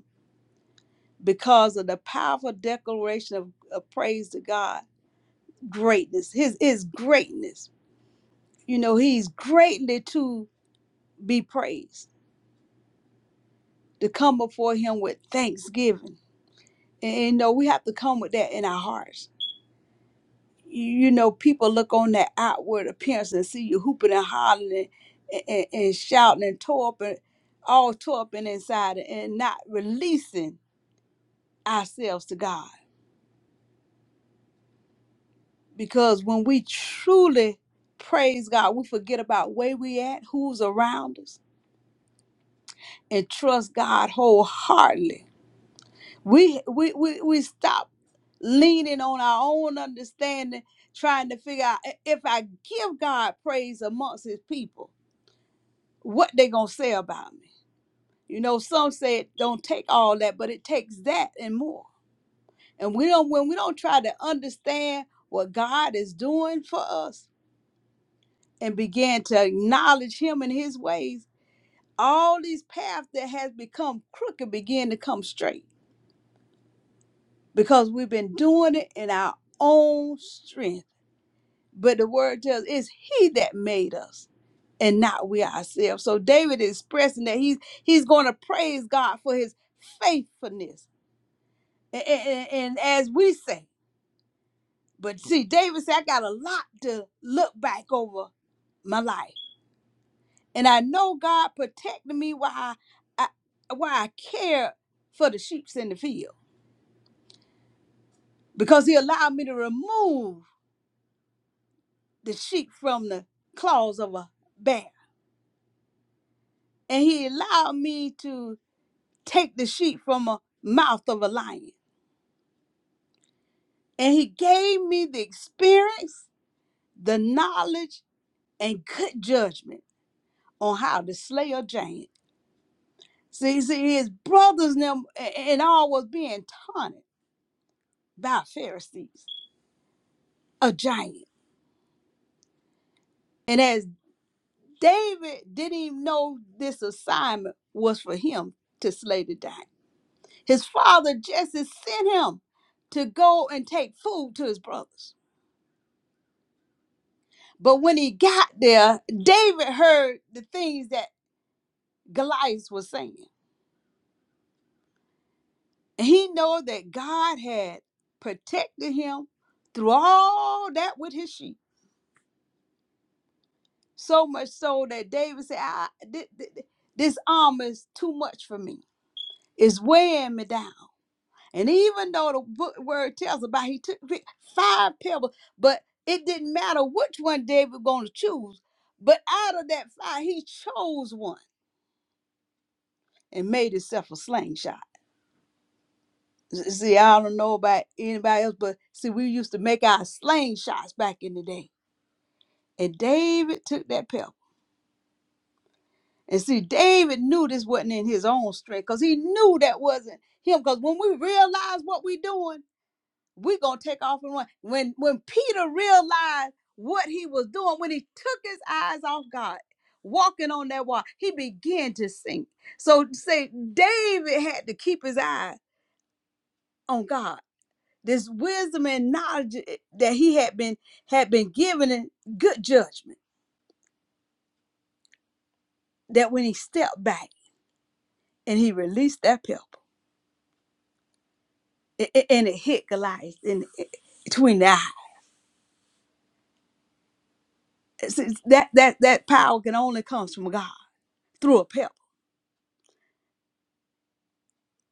because of the powerful declaration of, of praise to God. Greatness, his is greatness. You know, he's greatly to be praised, to come before him with thanksgiving. And, you know, we have to come with that in our hearts. You, know, people look on that outward appearance and see you hooping and hollering and, and, and shouting and tore up and all tore up and inside and not releasing ourselves to God Because when we truly praise God, we forget about where we at, who's around us, and trust God wholeheartedly. We we we, we stop leaning on our own understanding, trying to figure out "I- if I give God praise amongst his people, what they gonna say about me. You know, some say it don't take all that, but it takes that and more. And we don't when we don't try to understand what God is doing for us and began to acknowledge him and his ways, all these paths that has become crooked begin to come straight because we've been doing it in our own strength. But the word tells it's he that made us and not we ourselves. So David is expressing that he's he's going to praise God for his faithfulness. And, and, and as we say, but see, David said, I got a lot to look back over my life. and I know God protected me while I, I while I cared for the sheep in the field because He allowed me to remove the sheep from the claws of a bear, and He allowed me to take the sheep from a mouth of a lion, and He gave me the experience, the knowledge, and good judgment on how to slay a giant. See, see, his brothers and them a- and all was being taunted by Pharisees, a giant. And as David didn't even know this assignment was for him to slay the giant. His father Jesse sent him to go and take food to his brothers. But when he got there, David heard the things that Goliath was saying. And he knew that God had protected him through all that with his sheep. So much so that David said, I, thi- thi- thi- This armor is too much for me. It's weighing me down. And even though the book word tells about he took fi- five pebbles, but it didn't matter which one David was going to choose. But out of that five, he chose one and made himself a slingshot. S- See, I don't know about anybody else, but see, we used to make our slingshots back in the day. And David took that pebble. And see, David knew this wasn't in his own strength because he knew that wasn't him. Because when we realize what we're doing, we're gonna take off and run. When when Peter realized what he was doing, when he took his eyes off God, walking on that water, he began to sink. So say David had to keep his eye on God. This wisdom and knowledge eh, that he had been had been given and good judgment that when he stepped back and he released that pebble, it, it- and it hit Goliath in eh, between the eyes. It's- it's- That that that power can only comes from God through a pebble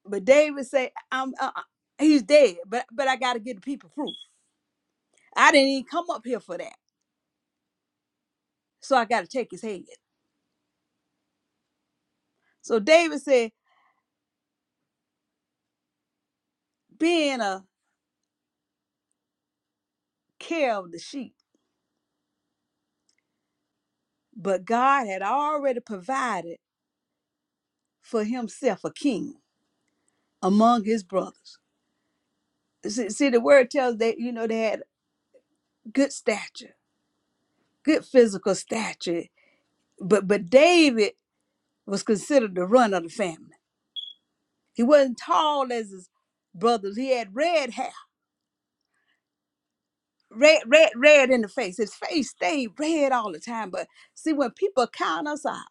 But David said, "I'm uh, uh, he's dead, but but I got to get the people proof. I didn't even come up here for that, so I got to take his head." So David said, "Being a care of the sheep, but God had already provided for himself a king among his brothers." See, see the word tells that you know they had good stature, good physical stature, but but David was considered the run of the family. He wasn't tall as his brothers. He had red hair red, red, red in the face. His face stayed red all the time. But see, when people count us out,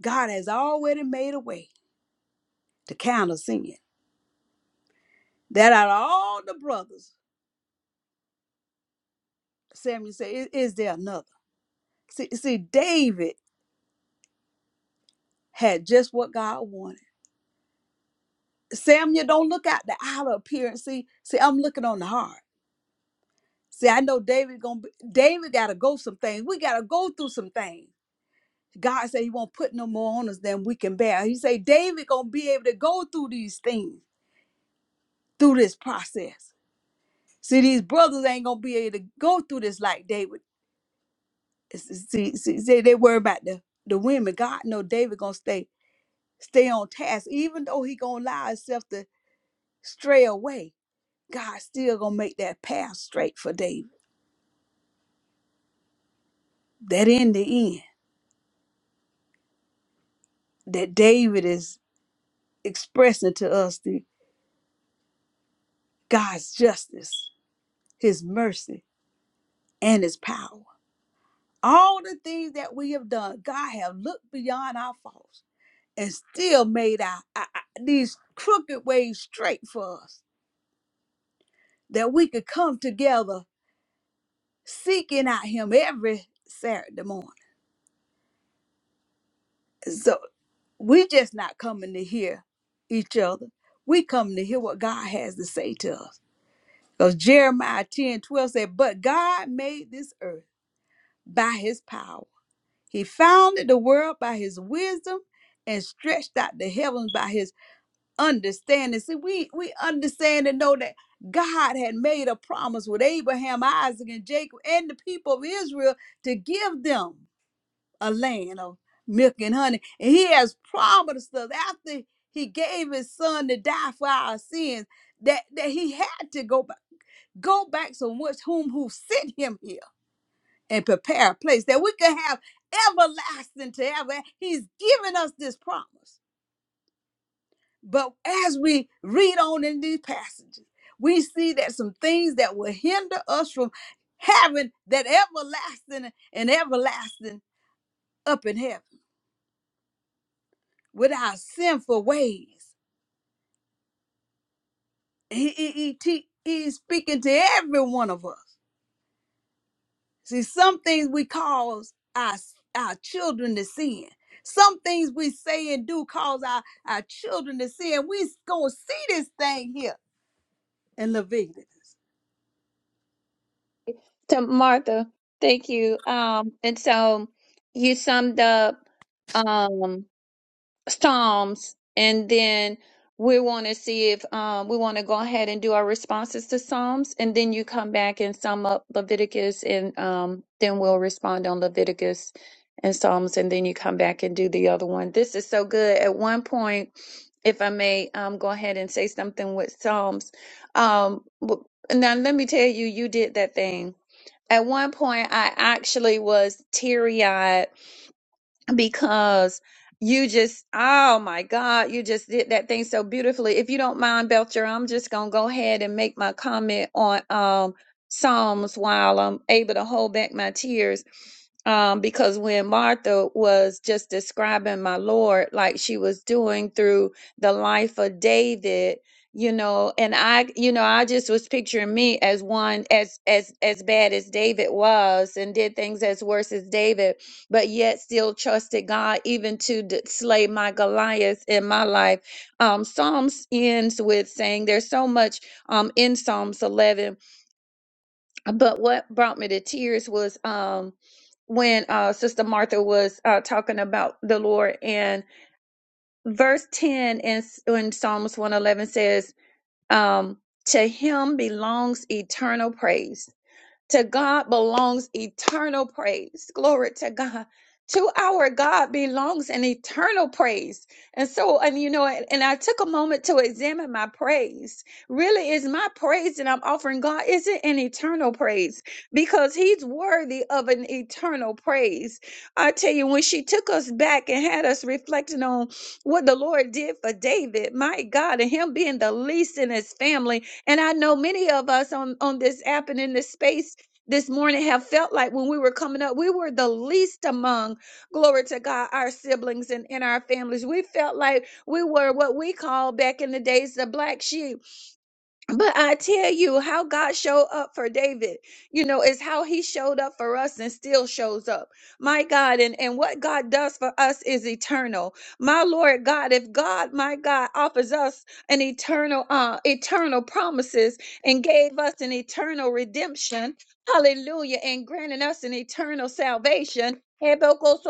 God has already made a way to count us in. That out of all the brothers, Samuel said, "I- "Is there another?" See, see, David had just what God wanted. Samuel, don't look at the outer appearance. See, see, I'm looking on the heart. See, I know David gonna be, David gotta go some things. We gotta go through some things. God said he won't put no more on us than we can bear. He said David gonna be able to go through these things. through this process. See, these brothers ain't gonna be able to go through this like David. See, see, see they worry about the, the women. God know David gonna stay stay on task, even though he gonna allow himself to stray away. God still gonna make that path straight for David. That in the end, that David is expressing to us the God's justice, His mercy, and His power. All the things that we have done, God have looked beyond our faults and still made our, our- our- these crooked ways straight for us that we could come together seeking out him every saturday morning so we just not coming to hear each other we come to hear what god has to say to us because jeremiah 10 12 said but god made this earth by his power he founded the world by his wisdom and stretched out the heavens by his understanding. See, we we understand and know that God had made a promise with Abraham, Isaac, and Jacob, and the people of Israel to give them a land of milk and honey. And He has promised us after He gave His Son to die for our sins that that He had to go back. Go back to which whom who sent him here and prepare a place that we can have everlasting to ever. He's given us this promise. But as we read on in these passages, we see that some things that will hinder us from having that everlasting and everlasting up in heaven with our sinful ways. He, he, he, te- he's speaking to every one of us. See, some things we cause our, our children to sin. Some things we say and do cause our, our children to sin. We're going to see this thing here in Leviticus.
to Martha. Thank you. Um, and so you summed up um, Psalms, and then we want to see if um, we want to go ahead and do our responses to Psalms, and then you come back and sum up Leviticus, and um, then we'll respond on Leviticus and Psalms, and then you come back and do the other one. This is so good. At one point, if I may um, go ahead and say something with Psalms, um, w- now let me tell you, you did that thing. At one point, I actually was teary eyed because you just oh my god you just did that thing so beautifully if you don't mind belcher i'm just gonna go ahead and make my comment on um psalms while i'm able to hold back my tears um because when martha was just describing my lord like she was doing through the life of david you know and i you know i just was picturing me as one as as as bad as david was and did things as worse as david but yet still trusted God even to d- slay my Goliath in my life. Um, Psalms ends with saying there's so much um, in Psalms 11, but what brought me to tears was um, when uh, Sister Martha was uh, talking about the Lord, and verse 10 in, S- in Psalms 111 says, um, To him belongs eternal praise to God belongs eternal praise. Glory to God. To our God belongs an eternal praise. And so, and you know, and, and I took a moment to examine my praise. Really, is my praise that I'm offering God, is it an eternal praise? Because He's worthy of an eternal praise. I tell you, when she took us back and had us reflecting on what the Lord did for David, my God, and him being the least in his family, and I know many of us on, on this app and in this space this morning have felt like when we were coming up, we were the least among, glory to God, our siblings and in our families. We felt like we were what we call back in the days the black sheep. But I tell you how God showed up for David, you know, is how he showed up for us and still shows up. My God, and, and what God does for us is eternal. My Lord God, if God, my God, offers us an eternal, uh, eternal promises and gave us an eternal redemption, hallelujah, and granted us an eternal salvation. So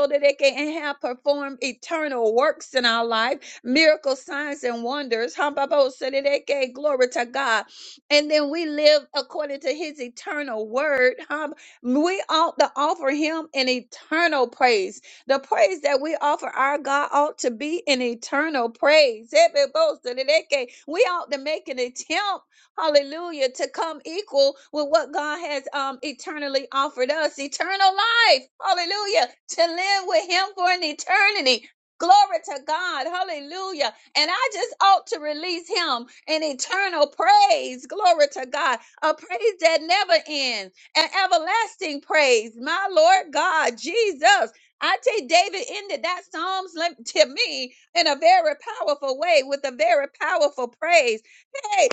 that they can have performed eternal works in our life miracles, signs, and wonders. hum ba bo se di di ki Glory to God. And then we live according to his eternal word. Hum, We ought to offer him an eternal praise. The praise that we offer our God ought to be an eternal praise. hebe bo se di di ki We ought to make an attempt hallelujah, to come equal with what God has um eternally offered us, eternal life, hallelujah, to live with him for an eternity. Glory to God. Hallelujah. And I just ought to release him in eternal praise. Glory to God. A praise that never ends. An everlasting praise. My Lord God, Jesus. I tell you, David ended that Psalms like, to me in a very powerful way with a very powerful praise. Hey,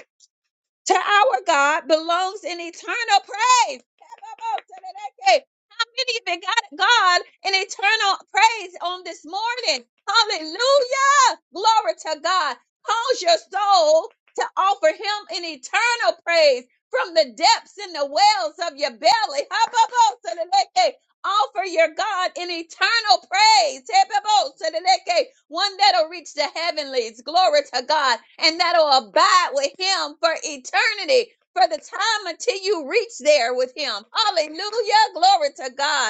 to our God belongs an eternal praise. How many even got God an eternal praise on this morning? Hallelujah. Glory to God. Cause your soul to offer him an eternal praise from the depths and the wells of your belly offer your God an eternal praise. One that'll reach the heavenlies. Glory to God. And that'll abide with him for eternity. For the time until you reach there with him. Hallelujah. Glory to God.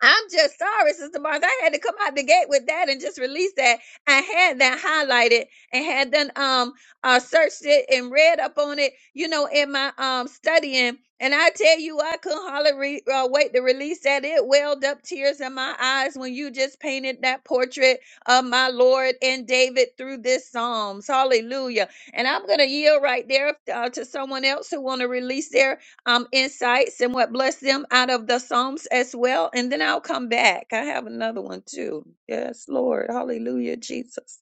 I'm just sorry, Sister Barnes. I had to come out the gate with that and just release that. I had that highlighted and had done um uh searched it and read up on it, you know, in my um studying. And I tell you, I couldn't hardly re- uh, wait to release that. It welled up tears in my eyes when you just painted that portrait of my Lord and David through this Psalms. Hallelujah! And I'm gonna yield right there uh, to someone else who want to release their um, insights and what blessed them out of the Psalms as well. And then I'll come back. I have another one too. Yes, Lord. Hallelujah, Jesus.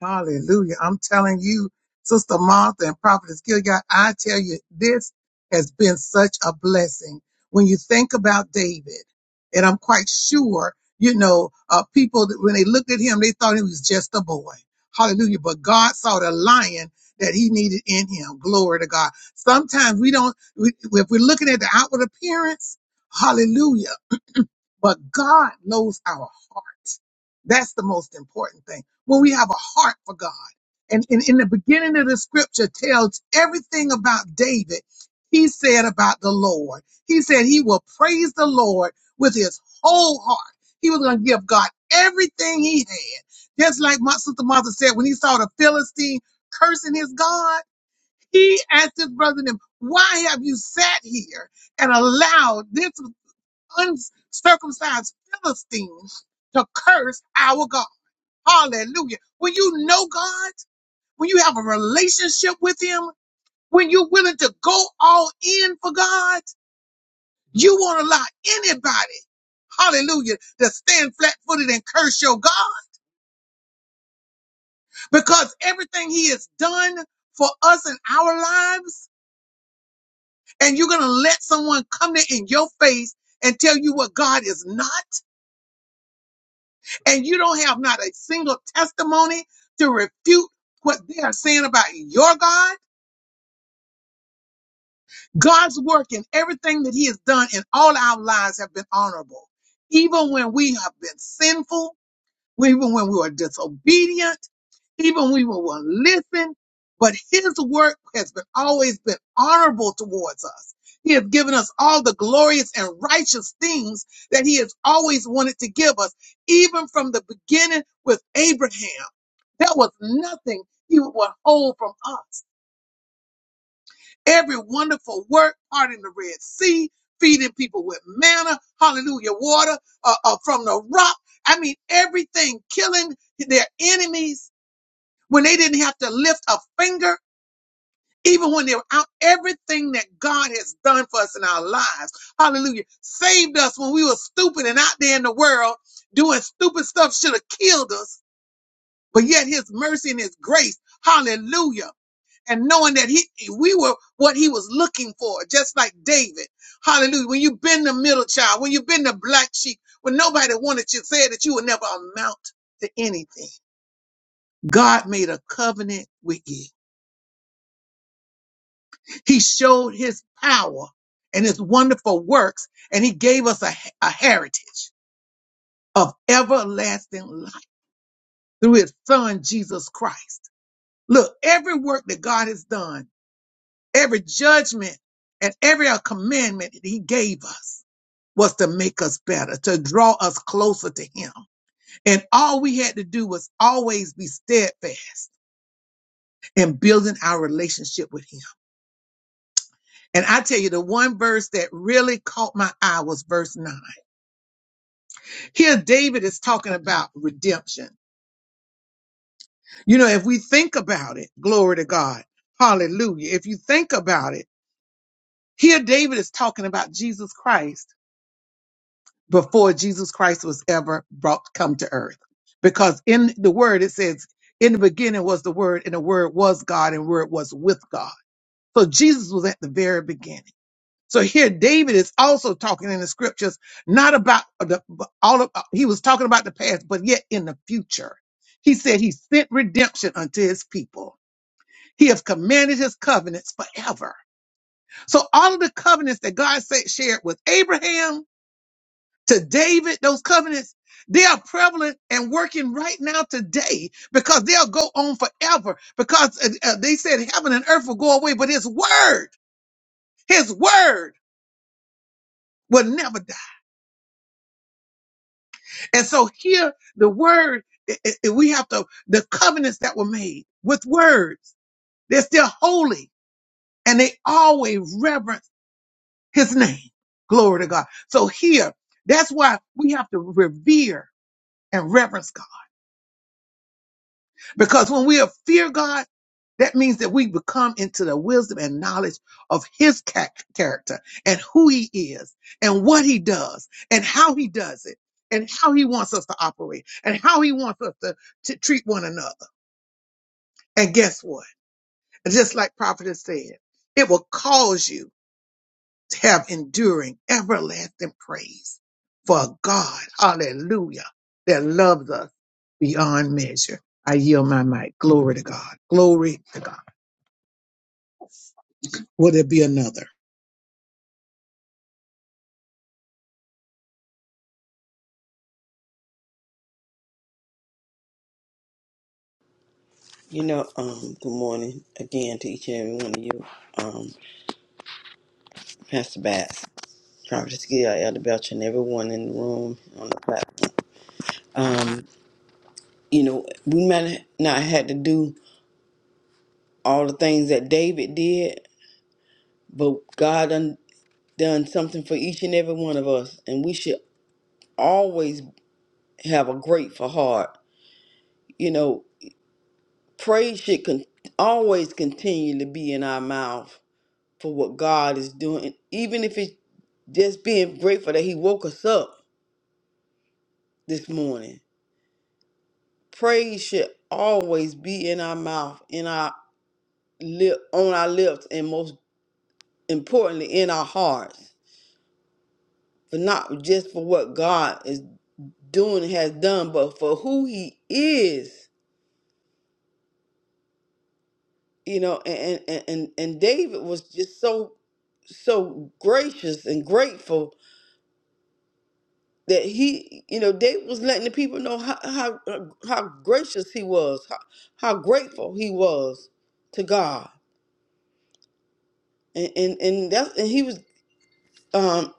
Hallelujah. I'm telling you, Sister Martha and Prophetess Gilgad, I tell you, this has been such a blessing. When you think about David, and I'm quite sure, you know, uh, people, that when they looked at him, they thought he was just a boy. Hallelujah. But God saw the lion that he needed in him. Glory to God. Sometimes we don't, we, if we're looking at the outward appearance, hallelujah. But God knows our hearts. That's the most important thing. When we have a heart for God. And in, in the beginning of the scripture tells everything about David. He said about the Lord. He said he will praise the Lord with his whole heart. He was going to give God everything he had. Just like my sister Martha said, when he saw the Philistine cursing his God, he asked his brother and him, why have you sat here and allowed this? uncircumcised Philistines to curse our God. Hallelujah. When you know God, when you have a relationship with Him, when you're willing to go all in for God, you won't allow anybody, hallelujah, to stand flat footed and curse your God because everything He has done for us in our lives, and you're going to let someone come in your face and tell you what God is not. and you don't have not a single testimony to refute what they are saying about your God, God's work and everything that He has done in all our lives have been honorable. Even when we have been sinful, even when we were disobedient, even when we will will listen. But his work has been always been honorable towards us. He has given us all the glorious and righteous things that he has always wanted to give us, even from the beginning with Abraham. There was nothing he would withhold from us every wonderful work, parting the Red Sea, feeding people with manna, hallelujah, water uh, uh, from the rock. I mean, everything, killing their enemies when they didn't have to lift a finger, even when they were out, everything that God has done for us in our lives, hallelujah, saved us when we were stupid and out there in the world doing stupid stuff should have killed us, but yet his mercy and his grace, hallelujah and knowing that he we were what he was looking for, just like David. Hallelujah. When you've been the middle child, when you've been the black sheep, when nobody wanted you, said that you would never amount to anything. God made a covenant with you. He showed his power and his wonderful works, and he gave us a, a heritage of everlasting life through his son, Jesus Christ. Look, every work that God has done Every judgment and every commandment that he gave us was to make us better, to draw us closer to him. And all we had to do was always be steadfast in building our relationship with him. And I tell you, the one verse that really caught my eye was verse nine. Here, David is talking about redemption. You know, if we think about it, glory to God. Hallelujah. If you think about it, here David is talking about Jesus Christ before Jesus Christ was ever brought come to earth. Because in the word it says, in the beginning was the word, and the word was God, and the word was with God. So Jesus was at the very beginning. So here David is also talking in the scriptures, not about the all of he was talking about the past, but yet in the future. He said he sent redemption unto his people. He has commanded his covenants forever. So all of the covenants that God said shared with Abraham, to David, those covenants, they are prevalent and working right now today because they'll go on forever because uh, uh, they said heaven and earth will go away, but his word, his word will never die. And so here, the word, i i- we have to, the covenants that were made with words, they're still holy and they always reverence his name. Glory to God. So here, that's why we have to revere and reverence God. Because when we fear God, that means that we become into the wisdom and knowledge of his cha- character and who he is and what he does and how he does it and how he wants us to operate and how he wants us to, to treat one another. And guess what? Just like prophetess said, it will cause you to have enduring, everlasting praise for God. Hallelujah. That loves us beyond measure. I yield my mic. Glory to God. Glory to God. Will there be another?
You know, um, good morning again to each and every one of you, um, Pastor Bass, Prophet Gill, Elder Belcher, and everyone in the room on the platform. Um, you know, we might not had to do all the things that David did, but God done, done something for each and every one of us, and we should always have a grateful heart. You know, praise should con- always continue to be in our mouth for what God is doing, even if it's just being grateful that He woke us up this morning. Praise should always be in our mouth, in our lip, on our lips, and most importantly, in our hearts. For not just for what God is doing and has done, but for who He is. You know, and and and, and David was just so so gracious and grateful that he, you know, David was letting the people know how how how gracious he was, how, how grateful he was to God, and and and that and he was um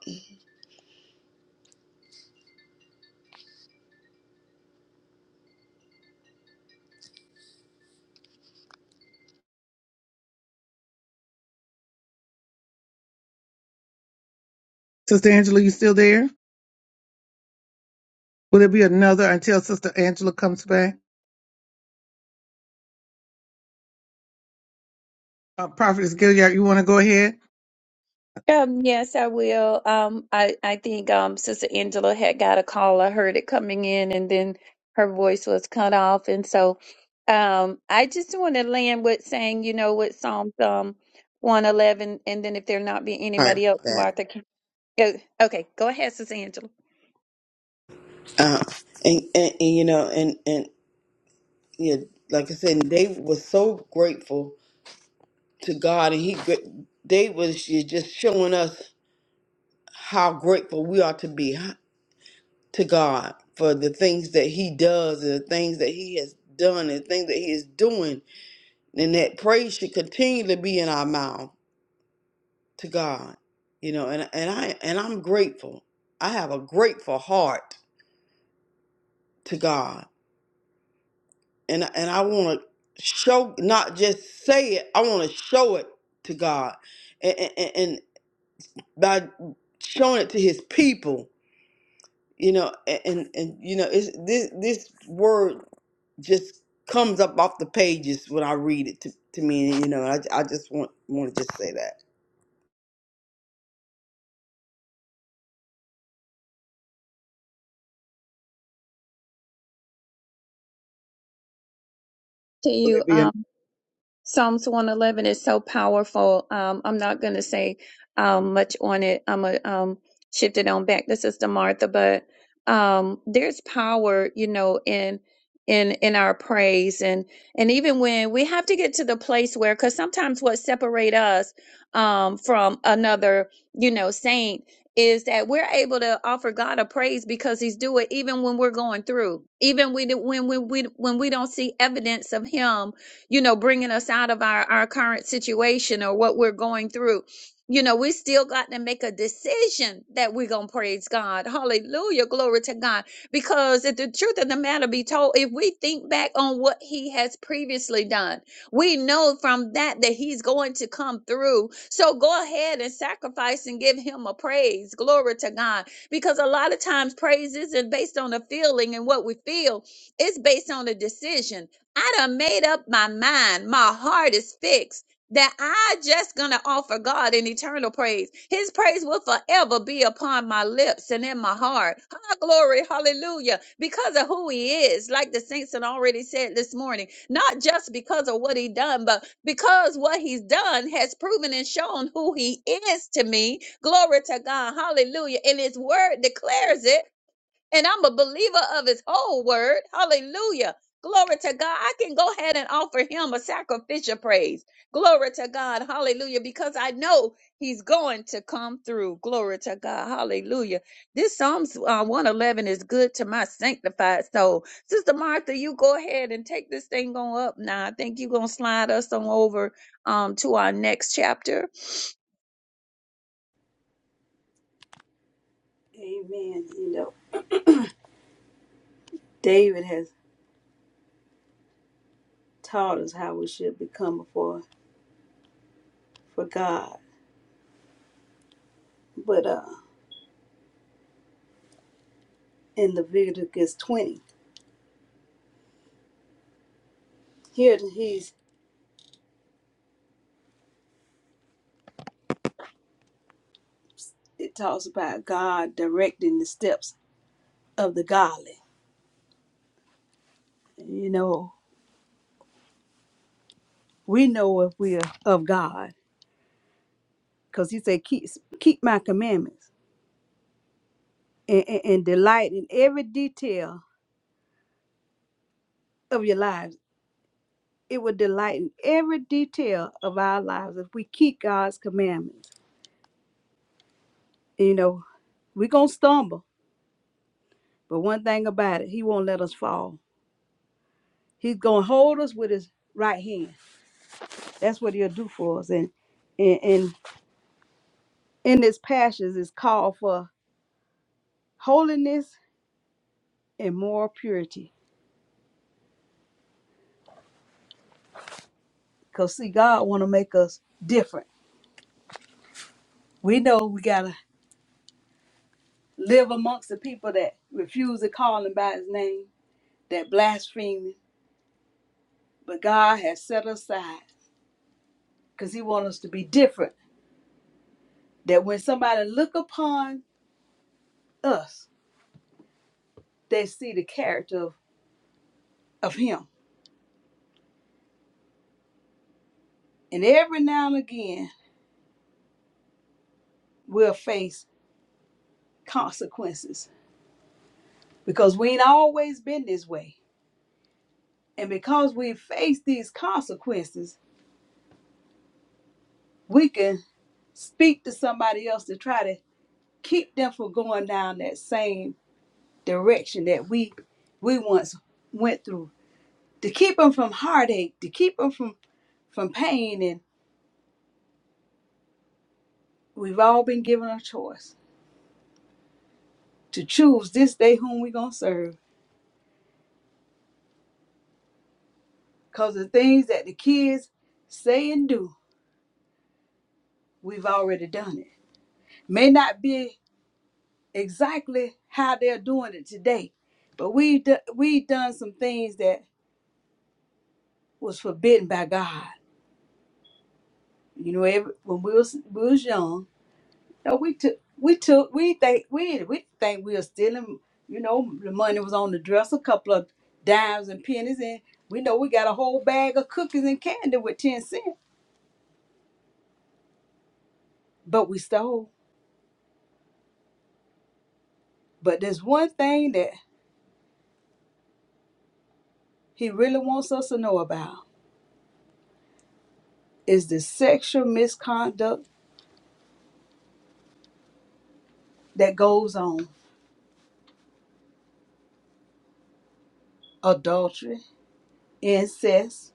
Sister Angela, you still there? Will there be another until Sister Angela comes back? Uh, Prophetess Gilead, you want to go ahead?
Um, yes, I will. Um, I, I think um, Sister Angela had got a call. I heard it coming in and then her voice was cut off. And so um, I just want to land with saying, you know, with Psalms um, 111, and then if there not be
sorry about
anybody else,
that,
Martha, can, uh, okay, go ahead, Sister Angela.
uh, and, and and you know, and and yeah, like I said, David was so grateful to God, and he gr- David was ju- just showing us how grateful we are to be huh, to God for the things that He does, and the things that He has done, and the things that He is doing and that praise should continue to be in our mouth to God. You know, and and I and I'm grateful. I have a grateful heart to God, and and I want to show, not just say it. I want to show it to God, and, and and by showing it to His people you know a- and and you know it's this this word just comes up off the pages when i read it to, to me and you know i, I just want want to just say that
To
Will there
you.
be a
Psalms 111 is so powerful. Um, I'm not going to say um, much on it. I'm going to um, shift it on back to Sister Martha, but um, there's power, you know, in in in our praise and and even when we have to get to the place where because sometimes what separate us um from another you know saint is that we're able to offer god a praise because he's do it even when we're going through even we when we when we when we don't see evidence of him you know, bringing us out of our, our current situation or what we're going through. You know, we still got to make a decision that we're going to praise God. Hallelujah. Glory to God. Because if the truth of the matter be told, if we think back on what he has previously done, we know from that that he's going to come through. So go ahead and sacrifice and give him a praise. Glory to God. Because a lot of times praise isn't based on a feeling and what we feel, it's based on a decision. I done made up my mind. My heart is fixed that I just gonna offer God an eternal praise. His praise will forever be upon my lips and in my heart. Ah, glory, hallelujah. Because of who he is, like the saints had already said this morning, not just because of what he done, but because what he's done has proven and shown who he is to me. Glory to God, hallelujah. And his word declares it and I'm a believer of his whole word. Hallelujah. Glory to God. I can go ahead and offer him a sacrificial praise. Glory to God. Hallelujah. Because I know he's going to come through. Glory to God. Hallelujah. This Psalms uh, 111 is good to my sanctified soul. Sister Martha, you go ahead and take this thing on up now. I think you're going to slide us on over um, to our next chapter.
Amen. You know, David has taught us how we should become before for God. But uh, in Leviticus 20, here he's it talks about God directing the steps of the godly. You know, we know if we're of God because he said, keep, keep my commandments and, and, and delight in every detail of your lives. It will delight in every detail of our lives if we keep God's commandments. You know, we're going to stumble, but one thing about it, he won't let us fall He's gonna hold us with his right hand. That's what he'll do for us. And and, and in this passage is called for holiness and moral purity. Cause see, God wanna make us different. We know we gotta live amongst the people that refuse to call him by his name, that blaspheme him. But God has set us aside because he wants us to be different. That when somebody look upon us, they see the character of, of him. And every now and again we'll face consequences because we ain't always been this way. And because we face these consequences, we can speak to somebody else to try to keep them from going down that same direction that we we once went through. To keep them from heartache, to keep them from from pain, and we've all been given a choice to choose this day whom we are gonna serve. Cause the things that the kids say and do, we've already done it. May not be exactly how they're doing it today. But we do, we done some things that was forbidden by God. You know, every, when we was we was young, you know, we took we took we think we we think we were stealing. You know, the money was on the dresser, a couple of dimes and pennies, and we know we got a whole bag of cookies and candy with ten cent. But we stole. But there's one thing that He really wants us to know about is the sexual misconduct that goes on, adultery incest,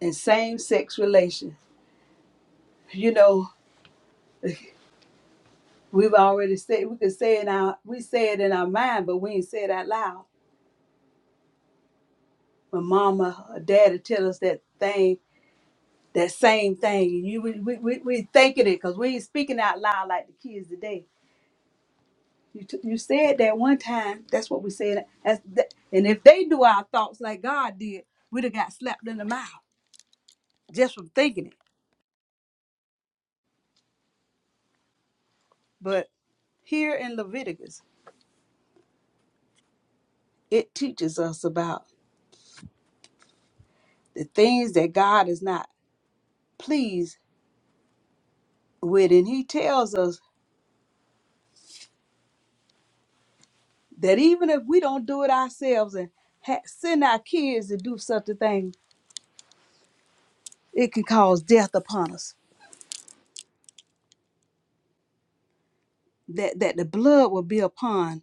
and same-sex relations. You know, we've already said we could say it in our We say it in our mind, but we ain't say it out loud. When mama or daddy tell us that thing, that same thing, and you we we we, we thinking it because we ain't speaking out loud like the kids today. You t- you said that one time. That's what we said. That's that, and if they do our thoughts like God did, we'd have got slapped in the mouth just from thinking it. But here in Leviticus, it teaches us about. the things that God is not pleased with. And He tells us that even if we don't do it ourselves and ha- send our kids to do such a thing, it can cause death upon us. That that the blood will be upon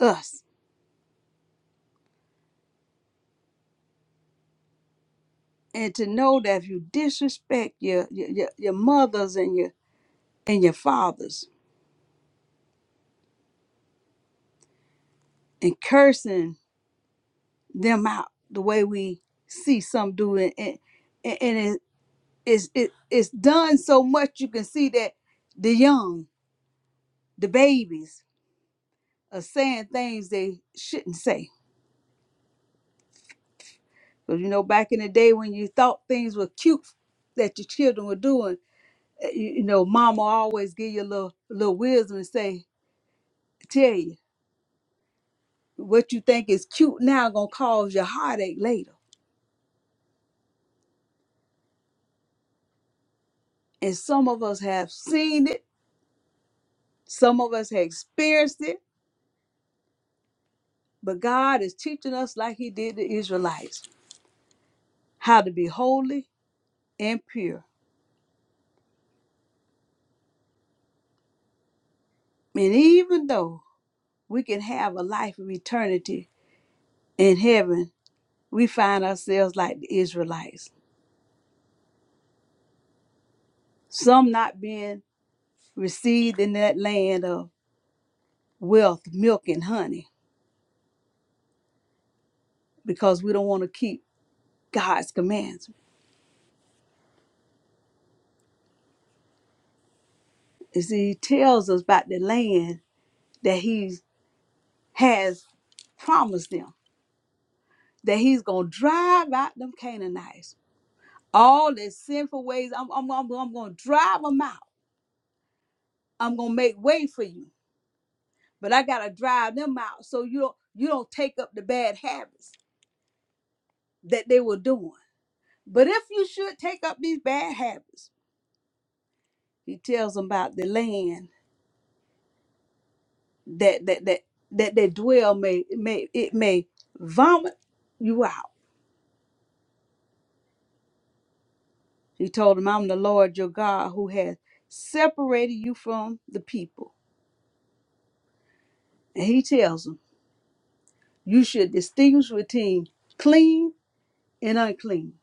us. And to know that if you disrespect your your, your your mothers and your and your fathers and cursing them out the way we see some doing and and and it, it's it, it's done so much you can see that the young the babies are saying things they shouldn't say. Because you know, back in the day when you thought things were cute that your children were doing, eh, you, you know, mama always give you a little little wisdom and say, tell you what you think is cute now gonna cause you heartache later. And some of us have seen it, some of us have experienced it, but God is teaching us like He did the Israelites how to be holy and pure. And even though we can have a life of eternity in heaven, we find ourselves like the Israelites, some not being received in that land of wealth, milk, and honey, because we don't want to keep God's commands. You see, He tells us about the land that He has promised them, that He's going to drive out them Canaanites. All their sinful ways, I'm, I'm, I'm, I'm going to drive them out. I'm going to make way for you. But I got to drive them out so you don't, you don't take up the bad habits that they were doing. But if you should take up these bad habits, he tells them about the land that that that that they dwell may may it may vomit you out. He told them, I'm the Lord your God who has separated you from the people. And he tells them, you should distinguish between clean and unclean,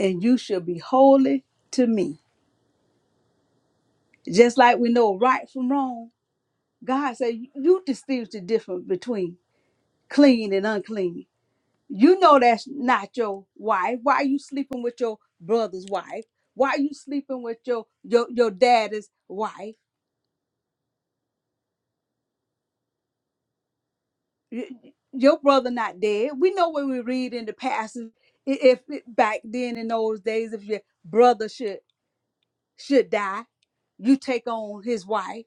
and you shall be holy to me. Just like we know right from wrong, God said, you distinguish the difference between clean and unclean You know that's not your wife. Why are you sleeping with your brother's wife? Why are you sleeping with your your your daddy's wife? Y- Your brother not dead. We know when we read in the passage, i- if it, back then in those days, if your brother should should die, you take on his wife.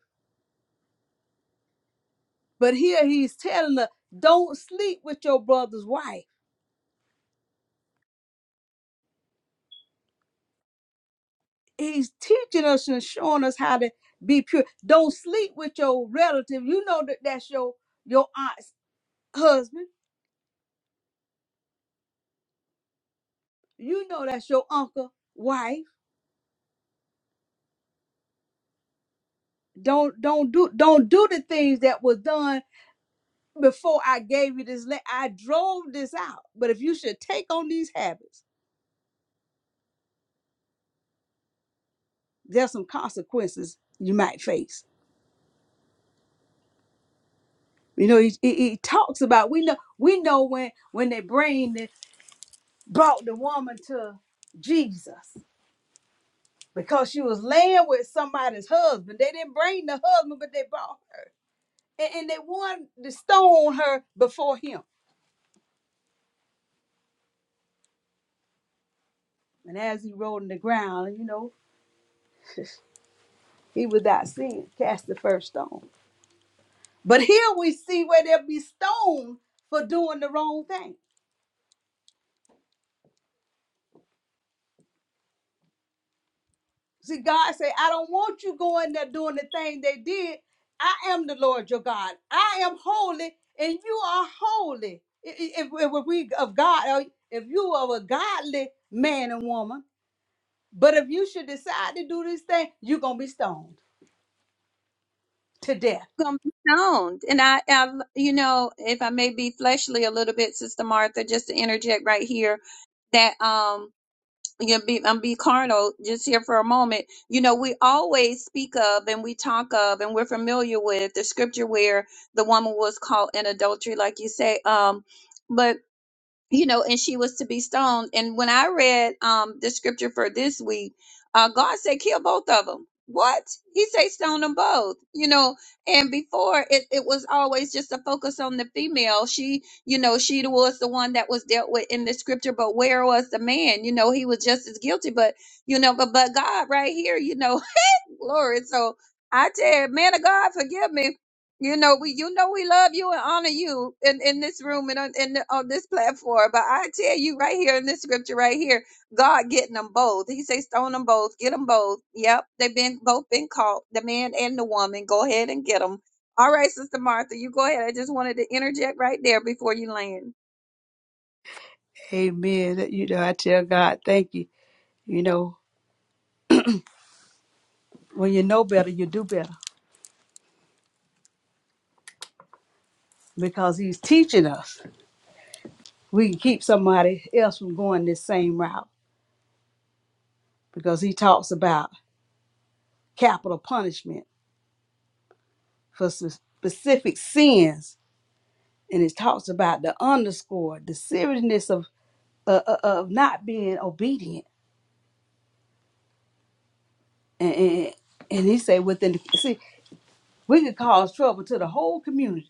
But here he's telling us, don't sleep with your brother's wife. He's teaching us and showing us how to be pure. Don't sleep with your relative. You know that that's your your aunt husband you know that's your uncle wife don't don't do don't do the things that was done before i gave you this land i drove this out but if you should take on these habits there's some consequences you might face you know he, he, he talks about we know we know when when they bring the, brought the woman to jesus because she was laying with somebody's husband they didn't bring the husband but they brought her and, and they wanted to stone her before him And as he rolled in the ground, you know, he without sin cast the first stone. But here we see where there be stoned for doing the wrong thing. See, God say, I don't want you going there doing the thing they did. I am the Lord your God. I am holy, and you are holy. I- If, if we of God, or if you are a godly man and woman, but if you should decide to do this thing, you're gonna be stoned to death.
gonna be stoned. And I, I, you know, if I may be fleshly a little bit, Sister Martha, just to interject right here, that um, you know, be, I'm be carnal just here for a moment. You know, we always speak of and we talk of and we're familiar with the scripture where the woman was caught in adultery, like you say. Um, but you know, and she was to be stoned. And when I read um the scripture for this week, uh, God said, "Kill both of them." What he said, stone them both, you know. And before it, it was always just a focus on the female. She, you know, she was the one that was dealt with in the scripture, but where was the man? You know, he was just as guilty, but you know, but but God right here, you know, glory. So I tell you, man of God, forgive me you know, we you know we love you and honor you in, in this room and on in, on this platform. But I tell you right here in this scripture right here, God getting them both. He say stone them both, get them both. Yep, they've been both been caught, the man and the woman. Go ahead and get them. All right, Sister Martha, you go ahead. I just wanted to interject right there before you land.
Amen. You know, I tell God, thank you. You know, when you know better, you do better because he's teaching us. We can keep somebody else from going this same route because he talks about capital punishment for s- specific sins, and it talks about the underscore, the seriousness of uh, uh, of not being obedient. And, and, and he said, within the, see, we could cause trouble to the whole community,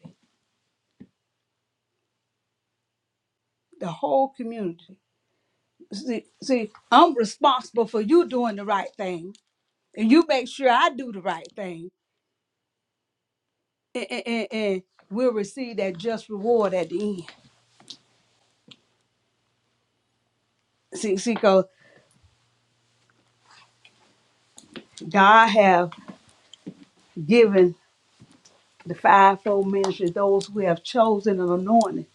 the whole community. See, see, I'm responsible for you doing the right thing, and you make sure I do the right thing and, and, and and we'll receive that just reward at the end. See, see, because God have given the fivefold ministry those who have chosen an anointing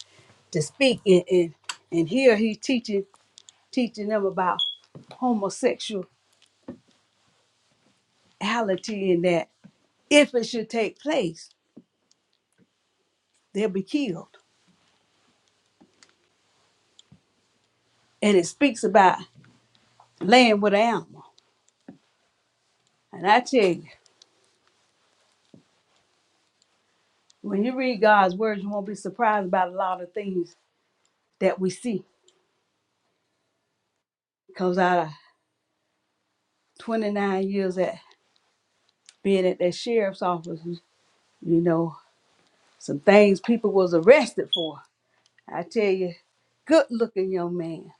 to speak. And, and, and here He's teaching teaching them about homosexuality and that if it should take place, they'll be killed. And it speaks about laying with an animal. And I tell you, when you read God's word, you won't be surprised about a lot of things that we see. Because our 29 years at being at that sheriff's office, you know, some things people was arrested for. I tell you, good looking young man.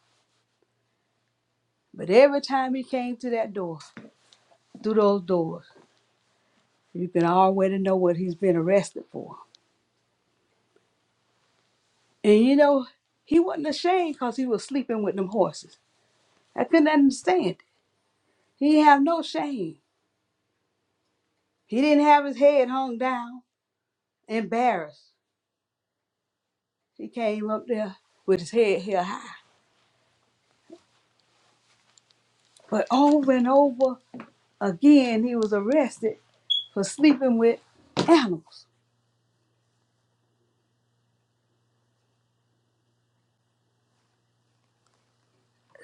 But every time he came to that door, through those doors, you can already know what he's been arrested for. And you know, he wasn't ashamed because he was sleeping with them horses. I couldn't understand. it. He didn't have no shame. He didn't have his head hung down, embarrassed. He came up there with his head held high. But over and over Again, he was arrested for sleeping with animals.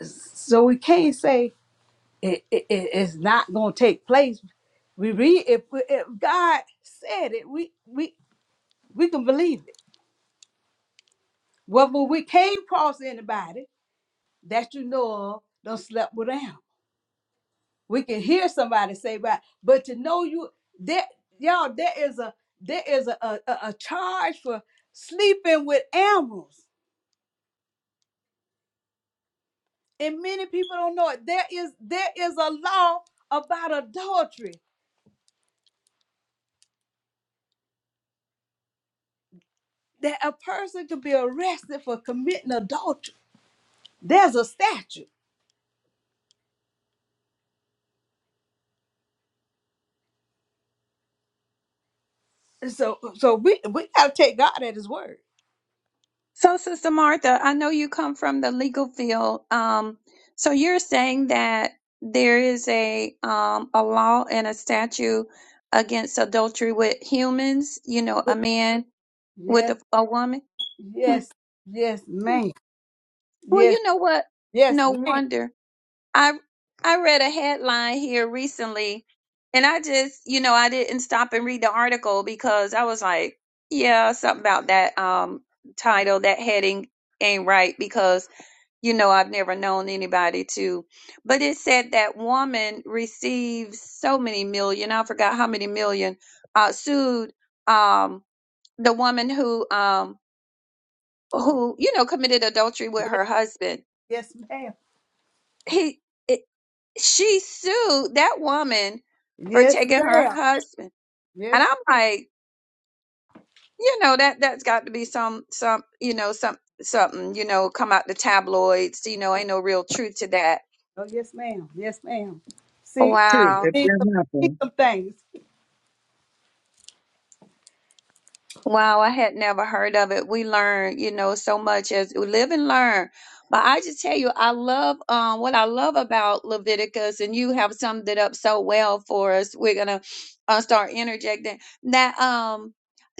So we can't say it, it, it's not going to take place. We read if, if God said it, we we we can believe it. Whether we came across anybody that you know of, don't slept with animals. We can hear somebody say about, but to know you that y'all there is a there is a, a, a a charge for sleeping with animals. and many people don't know it. There is there is a law about adultery that a person can be arrested for committing adultery. There's a statute. And So so we we gotta take God at His word.
So, Sister Martha, I know you come from the legal field. Um, so you're saying that there is a um, a law and a statute against adultery with humans. You know,
We-
a man with
Yes,
a, a woman. Hmm.
yes, yes,
hmm.
ma'am.
Well,
Yes,
you know what?
yes,
No
ma'am.
wonder. I I read a headline here recently, and I just, you know, I didn't stop and read the article because I was like, yeah, something about that um title, that heading ain't right because you know, I've never known anybody to, but it said that woman receives so many million, I forgot how many million, uh, sued, um, the woman who, um, who, you know, committed adultery with her husband.
Yes, ma'am.
He, it, she sued that woman for
Yes,
taking
ma'am.
her husband. And
Yes,
I'm like, you know, that, that's got to be some, some, you know, some, something, you know, come out the tabloids, you know, ain't no real truth to that.
oh yes, ma'am. Yes, ma'am. See,
truth
Wow.
if
see
there
some, see
happen?
some things.
Wow, I had never heard of it. We learn, you know, so much as we live and learn. But I just tell you, I love um, what I love about Leviticus, and you have summed it up so well for us. We're gonna uh, start interjecting that. Um,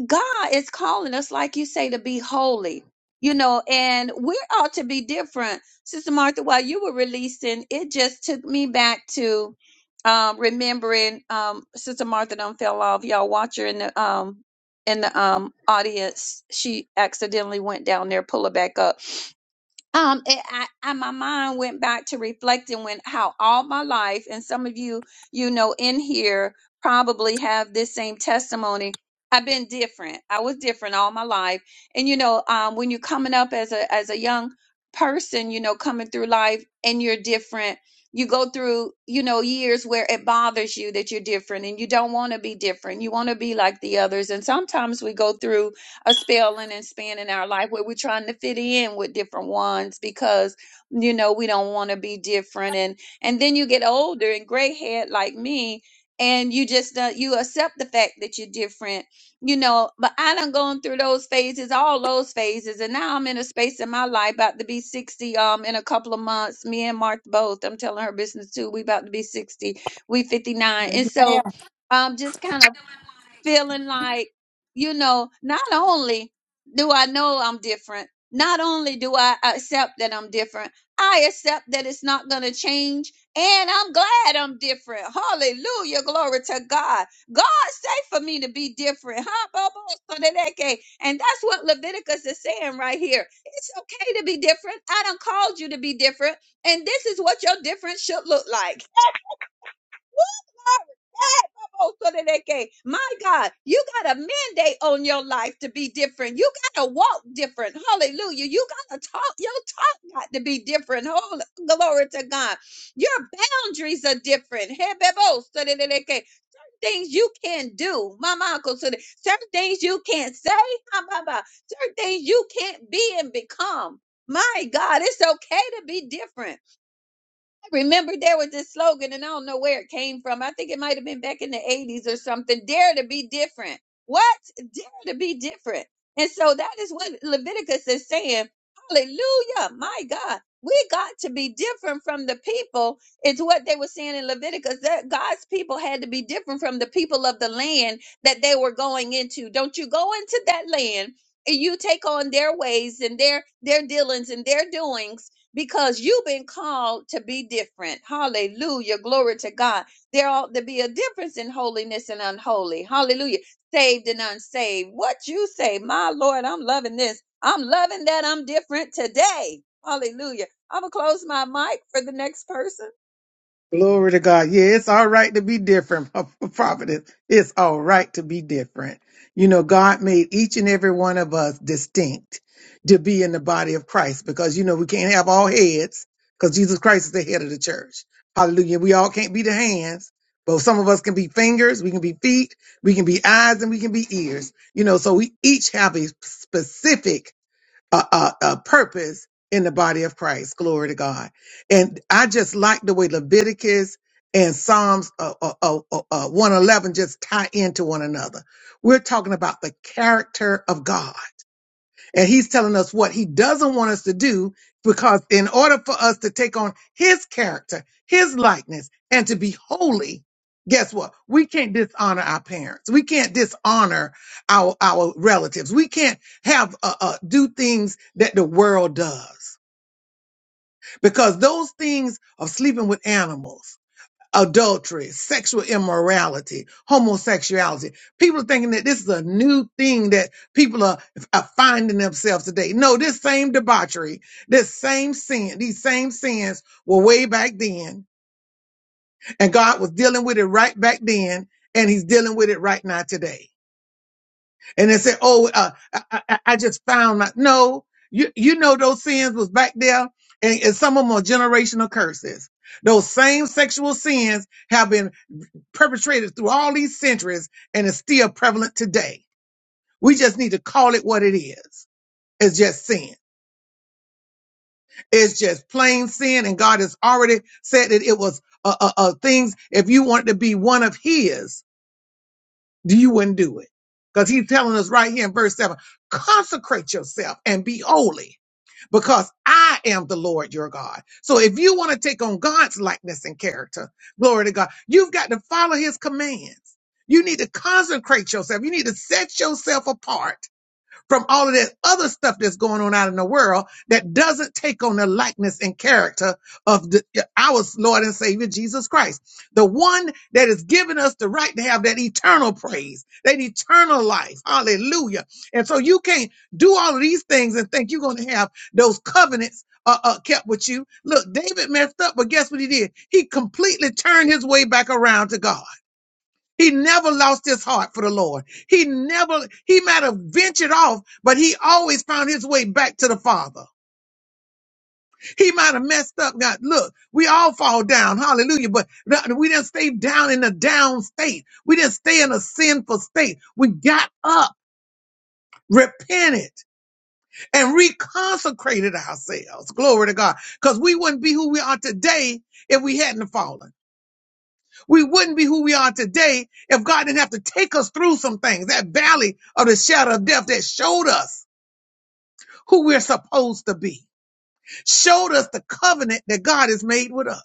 God is calling us, like you say, to be holy, you know, and we ought to be different. Sister Martha, while you were releasing, it just took me back to um remembering um Sister Martha done fell off. Y'all watch her in the um in the um audience. She accidentally went down there, pull her back up um it, I, I my mind went back to reflecting when how all my life and some of you you know in here probably have this same testimony i've been different i was different all my life and you know um when you're coming up as a as a young person you know coming through life and you're different you go through you know years where it bothers you that you're different and you don't want to be different you want to be like the others and sometimes we go through a spelling and spanning our life where we're trying to fit in with different ones because you know we don't want to be different and and then you get older and gray haired like me and you just uh, you accept the fact that you're different you know but i done gone through those phases all those phases and now i'm in a space in my life about to be 60 um in a couple of months me and martha both i'm telling her business too we about to be 60 we 59 and
Yes,
so
ma'am.
um just kind of feeling like, you know, not only do I know I'm different, not only do I accept that I'm different, I accept that it's not going to change. And I'm glad I'm different. Hallelujah. Glory to God. God say for me to be different. Huh, Bobo? So that that can- And that's what Leviticus is saying right here. It's okay to be different. I done called you to be different. And this is what your difference should look like. My God, you got a mandate on your life to be different. You got to walk different. Hallelujah. You got to talk. Your talk got to be different. Holy, glory to God. Your boundaries are different. Hebebo-sodeleke. Things you can do. My uncle said, certain things you can't say. ha, ba, ba. Certain things you can't be and become. My God, it's okay to be different remember there was this slogan, and I don't know where it came from. I think it might have been back in the 80s or something dare to be different. What? Dare to be different. And so that is what Leviticus is saying. Hallelujah. My God. We got to be different from the people. It's what they were saying in Leviticus that God's people had to be different from the people of the land that they were going into. Don't you go into that land and you take on their ways and their their dealings and their doings because you've been called to be different. Hallelujah. Glory to God. There ought to be a difference in holiness and unholy. Hallelujah. Saved and unsaved. What you say, my Lord, I'm loving this. I'm loving that I'm different today. Hallelujah. I'm going to close my mic for the next person.
Glory to God. Yeah, it's all right to be different, prophetess. It's all right to be different. You know, God made each and every one of us distinct to be in the body of Christ because, you know, we can't have all heads because Jesus Christ is the head of the church. Hallelujah. We all can't be the hands, but some of us can be fingers, we can be feet, we can be eyes, and we can be ears. You know, so we each have a specific a, a, a purpose in the body of Christ. Glory to God. And I just like the way Leviticus and Psalms uh, uh, uh, uh, uh, 111 just tie into one another. We're talking about the character of God. And he's telling us what he doesn't want us to do because in order for us to take on his character, his likeness, and to be holy, guess what? We can't dishonor our parents. We can't dishonor our, our relatives. We can't have, uh, uh, do things that the world does because those things are sleeping with animals adultery, sexual immorality, homosexuality. People are thinking that this is a new thing that people are, are finding themselves today. No, this same debauchery, this same sin, these same sins were way back then. And God was dealing with it right back then. And he's dealing with it right now today. And they say, oh, uh, I, I, I just found my, no, you, you know, those sins was back there and, and some of them are generational curses. Those same sexual sins have been perpetrated through all these centuries and is still prevalent today. We just need to call it what it is. It's just sin. It's just plain sin. And God has already said that it was uh, uh, uh, things. If you want to be one of His, Do You wouldn't do it. Because he's telling us right here in verse 7 consecrate yourself and be holy because I am the Lord your God. So if you want to take on God's likeness and character, glory to God, you've got to follow his commands. You need to consecrate yourself. You need to set yourself apart from all of that other stuff that's going on out in the world that doesn't take on the likeness and character of the, our Lord and Savior Jesus Christ, the one that has given us the right to have that eternal praise, that eternal life. Hallelujah. And so you can't do all of these things and think you're going to have those covenants. Uh, uh, kept with you. Look, David messed up, but guess what he did? He completely turned his way back around to God. He never lost his heart for the Lord. He never, he might have ventured off, but he always found his way back to the Father. He might have messed up. God, look, we all fall down. Hallelujah. But th- we didn't stay down in a down state. We didn't stay in a sinful state. We got up, repented, and reconsecrated ourselves. Glory to God. Because we wouldn't be who we are today if we hadn't fallen. We wouldn't be who we are today if God didn't have to take us through some things, that valley of the shadow of death that showed us who we're supposed to be, showed us the covenant that God has made with us.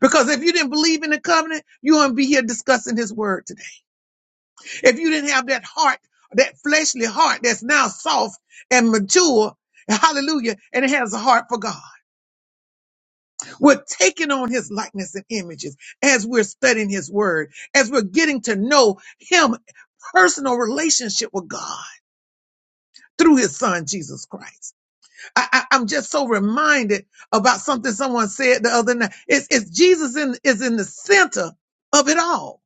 Because if you didn't believe in the covenant, you wouldn't be here discussing his word today. If you didn't have that heart, that fleshly heart that's now soft and mature, hallelujah, and it has a heart for God. We're taking on his likeness and images as we're studying his word, as we're getting to know him, personal relationship with God through his son, Jesus Christ. I, I, I'm just so reminded about something someone said the other night. It's, it's Jesus in, is in the center of it all.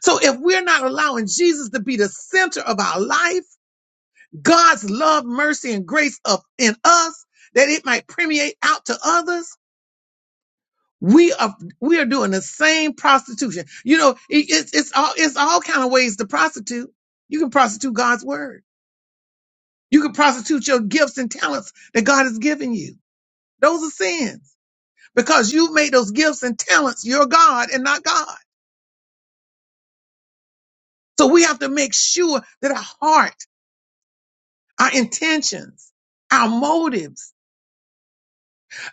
So if we're not allowing Jesus to be the center of our life, God's love, mercy, and grace of in us, that it might permeate out to others, We are we are doing the same prostitution. You know, it, it's it's all it's all kind of ways to prostitute. You can prostitute God's word. You can prostitute your gifts and talents that God has given you. Those are sins because you made those gifts and talents your God and not God. So we have to make sure that our heart, our intentions, our motives,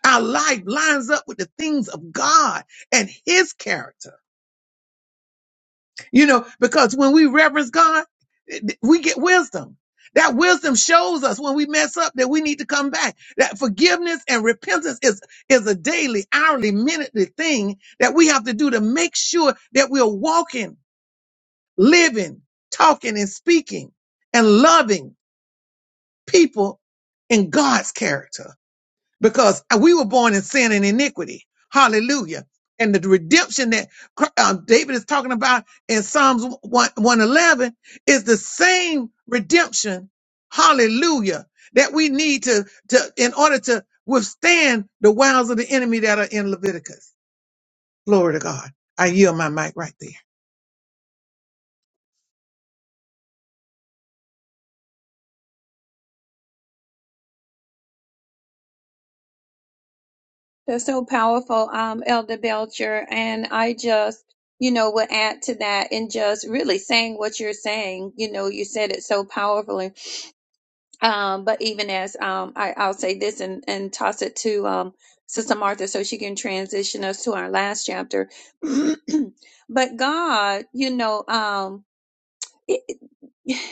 our life lines up with the things of God and His character You know, because when we reverence God, we get wisdom. That wisdom shows us when we mess up that we need to come back. That forgiveness and repentance is, is a daily, hourly, minutely thing that we have to do to make sure that we're walking, living, talking and speaking and loving people in God's character because we were born in sin and iniquity. Hallelujah. And the redemption that Cr- uh, David is talking about in Psalms 1 111 is the same redemption. Hallelujah. That we need to, to, in order to withstand the wiles of the enemy that are in Leviticus. Glory to God. I yield my mic right there.
That's so powerful, um, Elder Belcher. And I just, you know, would add to that and just really saying what you're saying. You know, you said it so powerfully Um, but even as um, I, I'll say this and, and toss it to um, Sister Martha so she can transition us to our last chapter. but God, you know, um, it, it-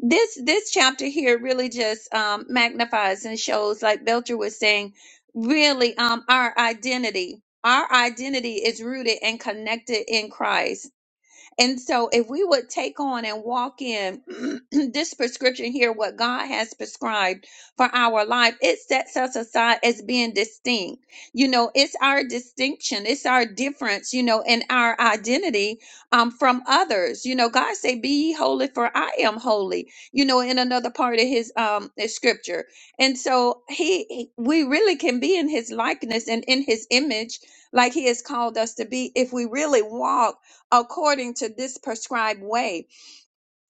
this this chapter here really just um, magnifies and shows, like Belcher was saying, really um, our identity. Our identity is rooted and connected in Christ and so, if we would take on and walk in this prescription here, what God has prescribed for our life, it sets us aside as being distinct. You know, it's our distinction, it's our difference, you know, and our identity um, from others. You know, God say, "Be ye holy, for I am holy." You know, in another part of His um his scripture, and so He, he- we really can be in His likeness and in His image, like He has called us to be, if we really walk according to this prescribed way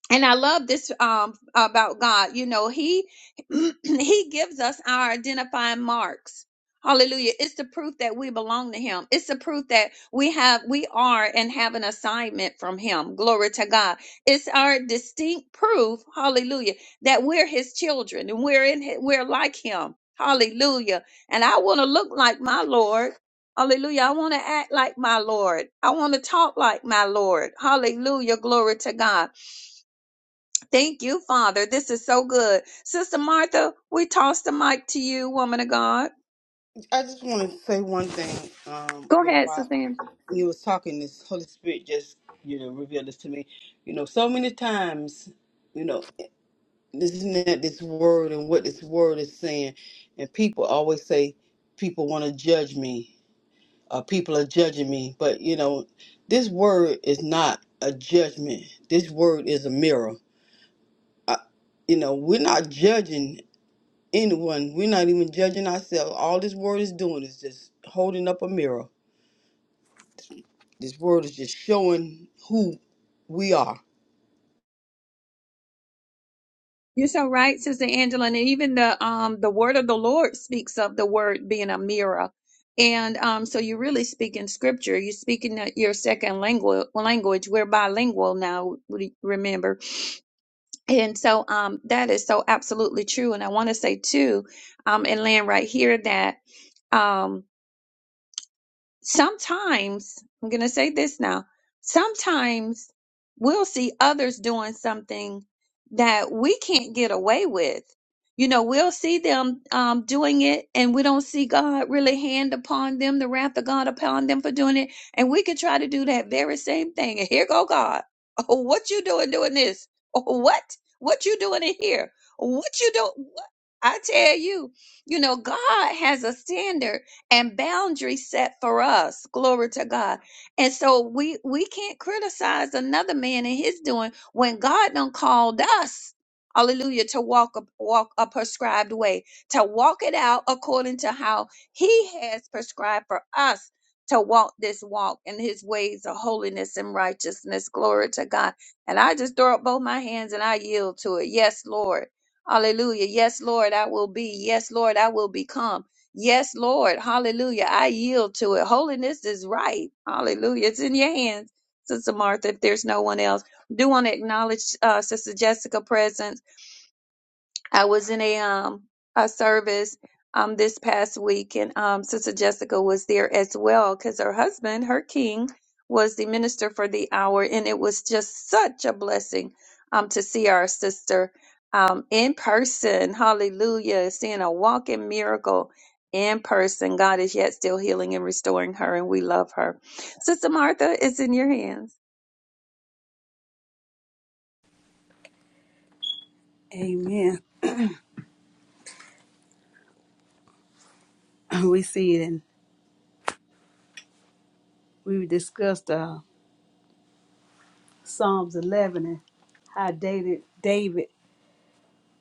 and I love this um about God. You know, he he gives us our identifying marks. Hallelujah. It's the proof that we belong to him. It's the proof that we have we are and have an assignment from him. Glory to God. It's our distinct proof, hallelujah, that we're his children and we're in hi- we're like him. Hallelujah. And I want to look like my Lord. Hallelujah. I want to act like my Lord. I want to talk like my Lord. Hallelujah. Glory to God. Thank you, Father. This is so good. Sister Martha, we toss the mic to you, woman of God.
i just want to say one thing um
Go
you know
ahead,
while
Sister Angela.
you was talking this holy spirit just you know revealed this to me you know so many times you know. Isn't that this word and what this word is saying? And people always say people want to judge me, or people are judging me. But you know, this word is not a judgment. This word is a mirror. You know, we're not judging anyone. We're not even judging ourselves. All this word is doing is just holding up a mirror. This word is just showing who we are.
You're so right, Sister Angela. And even the um the word of the Lord speaks of the word being a mirror. And um, so you really speak in scripture. You speak in the- your second language language. We're bilingual now, we- remember. And so um that is so absolutely true. And I want to say too, um, and land right here that um sometimes I'm going to say this now. Sometimes we'll see others doing something that we can't get away with. You know, we'll see them um, doing it, and we don't see God really hand upon them, the wrath of God upon them for doing it. And we could try to do that very same thing. And here go God. Oh, what you doing doing this? Oh, what? What you doing in here? What you do? What? I tell you, you know, God has a standard and boundaries set for us. Glory to God. And so we we can't criticize another man and his doing when God done called us. Hallelujah to walk a walk a prescribed way, to walk it out according to how he has prescribed for us to walk this walk in his ways of holiness and righteousness. Glory to God. And I just throw up both my hands and I yield to it. Yes, Lord. Hallelujah. Yes, Lord, I will be. Yes, Lord, I will become. Yes, Lord. Hallelujah. I yield to it. Holiness is right. Hallelujah. It's in your hands, Sister Martha, if there's no one else. Do want to acknowledge uh, Sister Jessica' present. I was in a um a service um this past week, and um Sister Jessica was there as well because her husband, her king, was the minister for the hour, and it was just such a blessing um to see our sister um in person. Hallelujah! Seeing a walking miracle in person. God is yet still healing and restoring her, and we love her. Sister Martha, it's in your hands.
Amen. We see it. we discussed uh, Psalms 11 and how David, David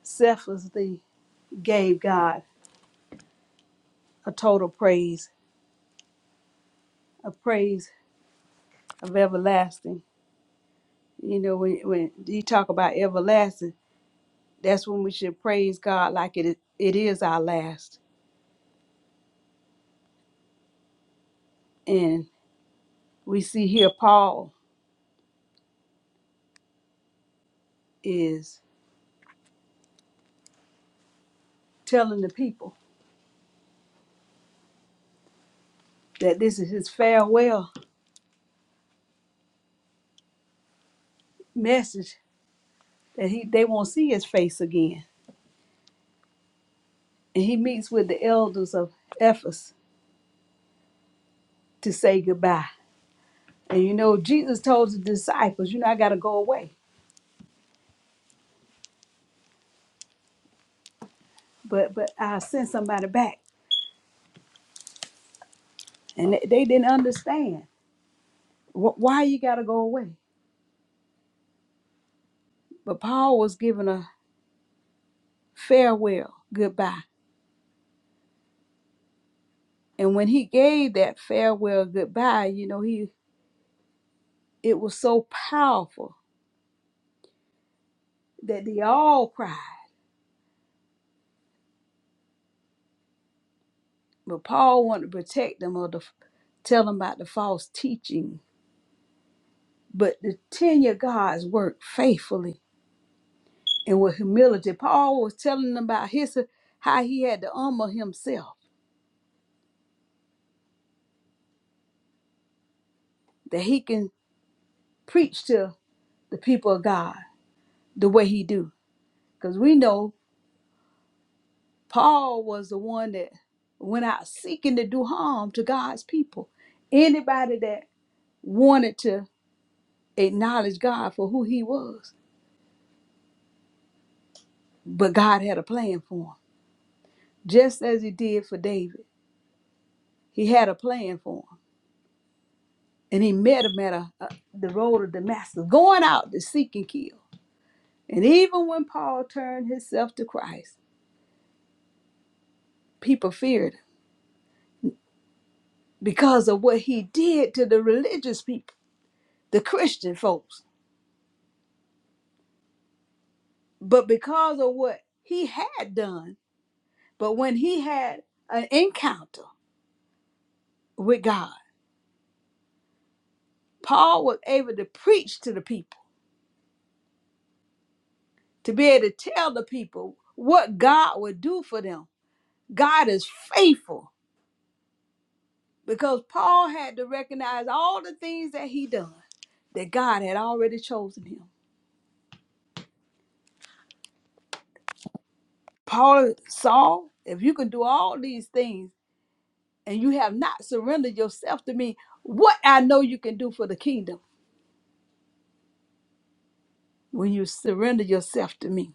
selflessly gave God a total praise, a praise of everlasting. You know, when, when you talk about everlasting, that's when we should praise God like it, it is our last. And we see here Paul is telling the people that this is his farewell message, that he they won't see his face again. And he meets with the elders of Ephesus to say goodbye. And you know, Jesus told the disciples, you know, I got to go away, but but I send somebody back, and they, they didn't understand wh- why you got to go away. But Paul was given a farewell goodbye, and when he gave that farewell goodbye, you know, he it was so powerful that they all cried. But Paul wanted to protect them or to f- tell them about the false teaching. But the tenure God's work faithfully and with humility. Paul was telling them about his how he had to humble himself that he can preach to the people of God the way he do. Because we know Paul was the one that went out seeking to do harm to God's people. Anybody that wanted to acknowledge God for who he was. But God had a plan for him, just as he did for David. He had a plan for him. And he met him at a, a- the road of Damascus, going out to seek and kill. And even when Paul turned himself to Christ, people feared him because of what he did to the religious people, the Christian folks, but because of what he had done. But when he had an encounter with God, Paul was able to preach to the people, to be able to tell the people what God would do for them. God is faithful because Paul had to recognize all the things that he done that God had already chosen him Paul, Saul, if you can do all these things and you have not surrendered yourself to me, what I know you can do for the kingdom when you surrender yourself to me.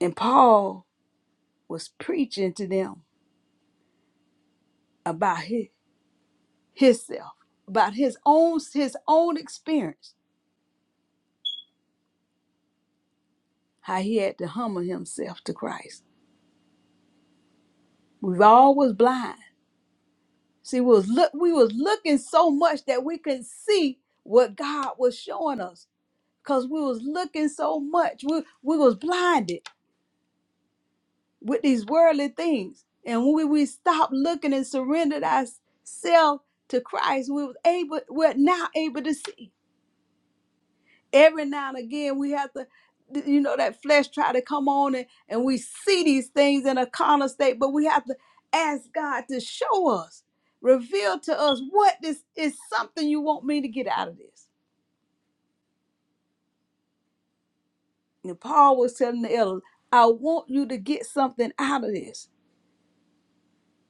And Paul was preaching to them about his, himself, about his own his own experience, how he had to humble himself to Christ. We all was blind. See, we was look we was looking so much that we couldn't see what God was showing us because we was looking so much we, we was blinded with these worldly things and when we, we stopped looking and surrendered ourselves to christ we was able we're now able to see every now and again we have to you know that flesh try to come on and, and we see these things in a carnal state but we have to ask god to show us reveal to us what this is something you want me to get out of this and paul was telling the elders i want you to get something out of this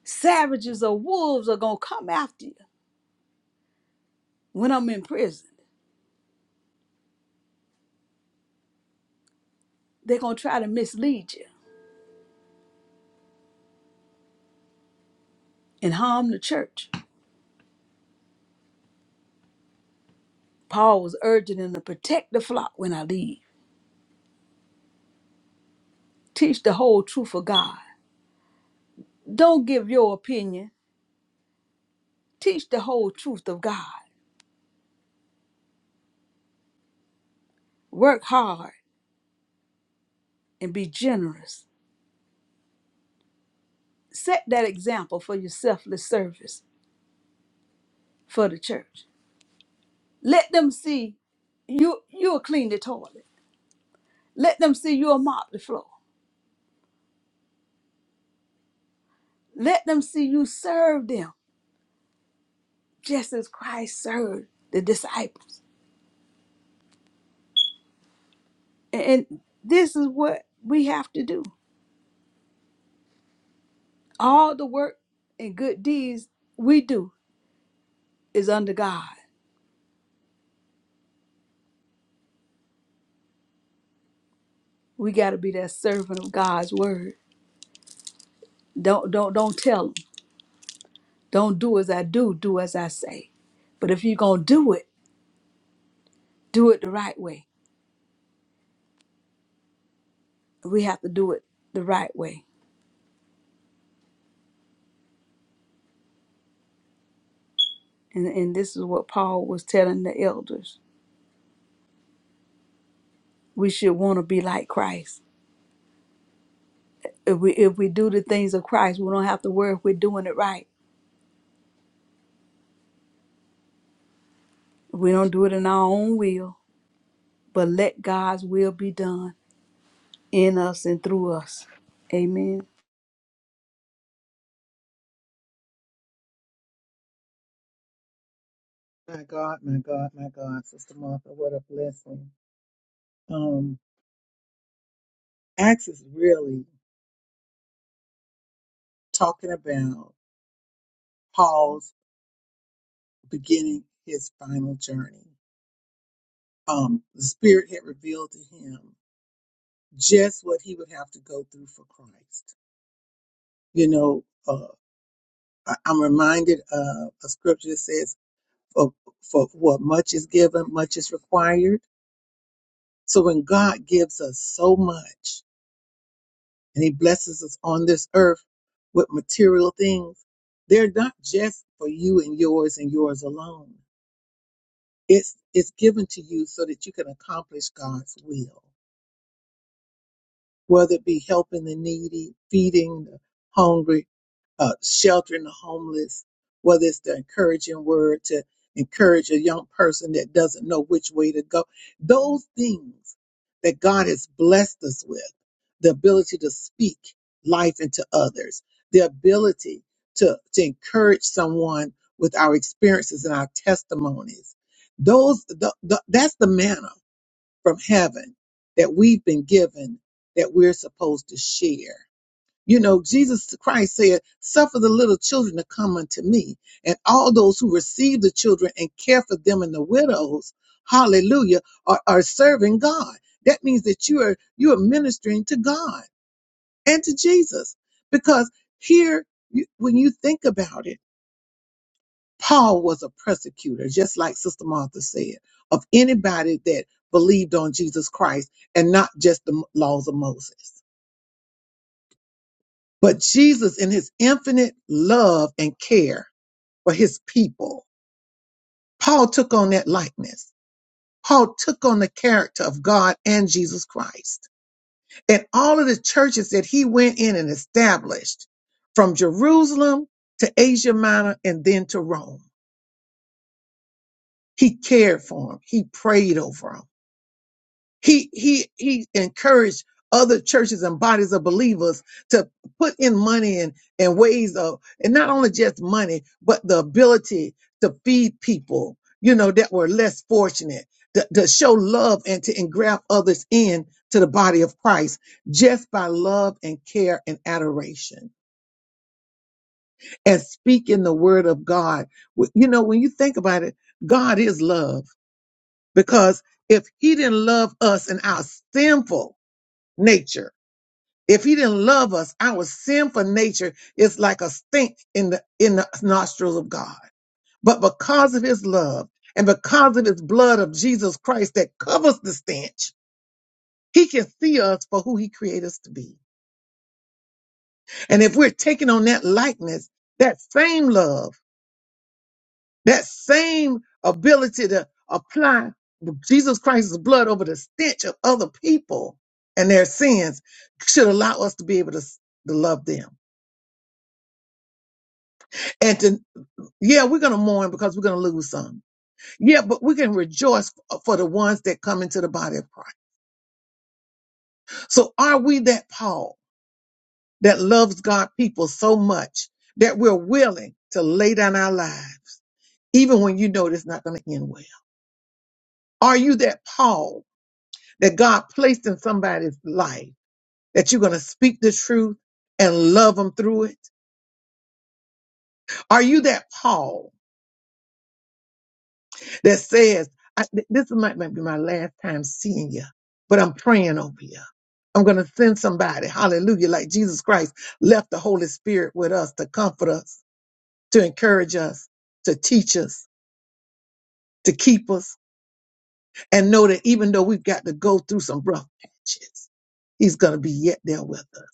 Savages or wolves are going to come after you when I'm in prison. They're going to try to mislead you and harm the church. Paul was urging them to protect the flock when I leave. Teach the whole truth of God. Don't give your opinion. Teach the whole truth of God. Work hard and be generous. Set that example for your selfless service for the church. Let them see you you'll clean the toilet. Let them see you'll mop the floor. Let them see you serve them just as Christ served the disciples. And this is what we have to do. All the work and good deeds we do is under God. We got to be that servant of God's word. Don't don't don't tell them. Don't do as I do, do as I say. But if you're going to do it, do it the right way. We have to do it the right way. And and this is what Paul was telling the elders. We should want to be like Christ. If we if we do the things of Christ, we don't have to worry if we're doing it right We don't do it in our own will, but let God's will be done in us and through us. Amen.
My God, my God, my God, Sister Martha, what a blessing. Um, Acts is really talking about Paul's beginning his final journey. Um, the Spirit had revealed to him just what he would have to go through for Christ. You know, uh, I, I'm reminded of a scripture that says, for, for what much is given, much is required. So when God gives us so much and he blesses us on this earth with material things, they're not just for you and yours and yours alone. It's, it's given to you so that you can accomplish God's will whether it be helping the needy, feeding the hungry, uh, sheltering the homeless, whether it's the encouraging word to encourage a young person that doesn't know which way to go. Those things that God has blessed us with, the ability to speak life into others, the ability to, to encourage someone with our experiences and our testimonies. Those, the, the, that's the manna from heaven that we've been given that we're supposed to share. You know, Jesus Christ said, Suffer the little children to come unto me. And all those who receive the children and care for them and the widows, hallelujah, are, are serving God. That means that you are you are ministering to God and to Jesus. Because here you, when you think about it, Paul was a persecutor, just like Sister Martha said, of anybody that believed on Jesus Christ and not just the laws of Moses. But Jesus, in his infinite love and care for his people, Paul took on that likeness. Paul took on the character of God and Jesus Christ. And all of the churches that he went in and established from Jerusalem to Asia Minor and then to Rome, he cared for them. He prayed over them. He he he encouraged other churches and bodies of believers to put in money and, and ways of and not only just money, but the ability to feed people, you know, that were less fortunate, to, to show love and to engraft others in to the body of Christ just by love and care and adoration and speaking the word of God. Wh- You know, when you think about it, God is love because if he didn't love us in our sinful nature. If he didn't love us, our sinful nature is like a stink in the in the nostrils of God. But because of his love and because of his blood of Jesus Christ that covers the stench, he can see us for who he created us to be. And if we're taking on that likeness, that same love, that same ability to apply Jesus Christ's blood over the stench of other people and their sins should allow us to be able to, to love them and to. Yeah, we're going to mourn because we're going to lose some. Yeah, but we can rejoice f- for the ones that come into the body of Christ. So are we that Paul that loves God people so much that we're willing to lay down our lives, even when you know it's not going to end well? Are you that Paul that God placed in somebody's life that you're going to speak the truth and love them through it? Are you that Paul that says, I, th- this might, might be my last time seeing you, but I'm praying over you. I'm going to send somebody, hallelujah, like Jesus Christ left the Holy Spirit with us to comfort us, to encourage us, to teach us, to keep us, and know that even though we've got to go through some rough patches, He's going to be yet there with us.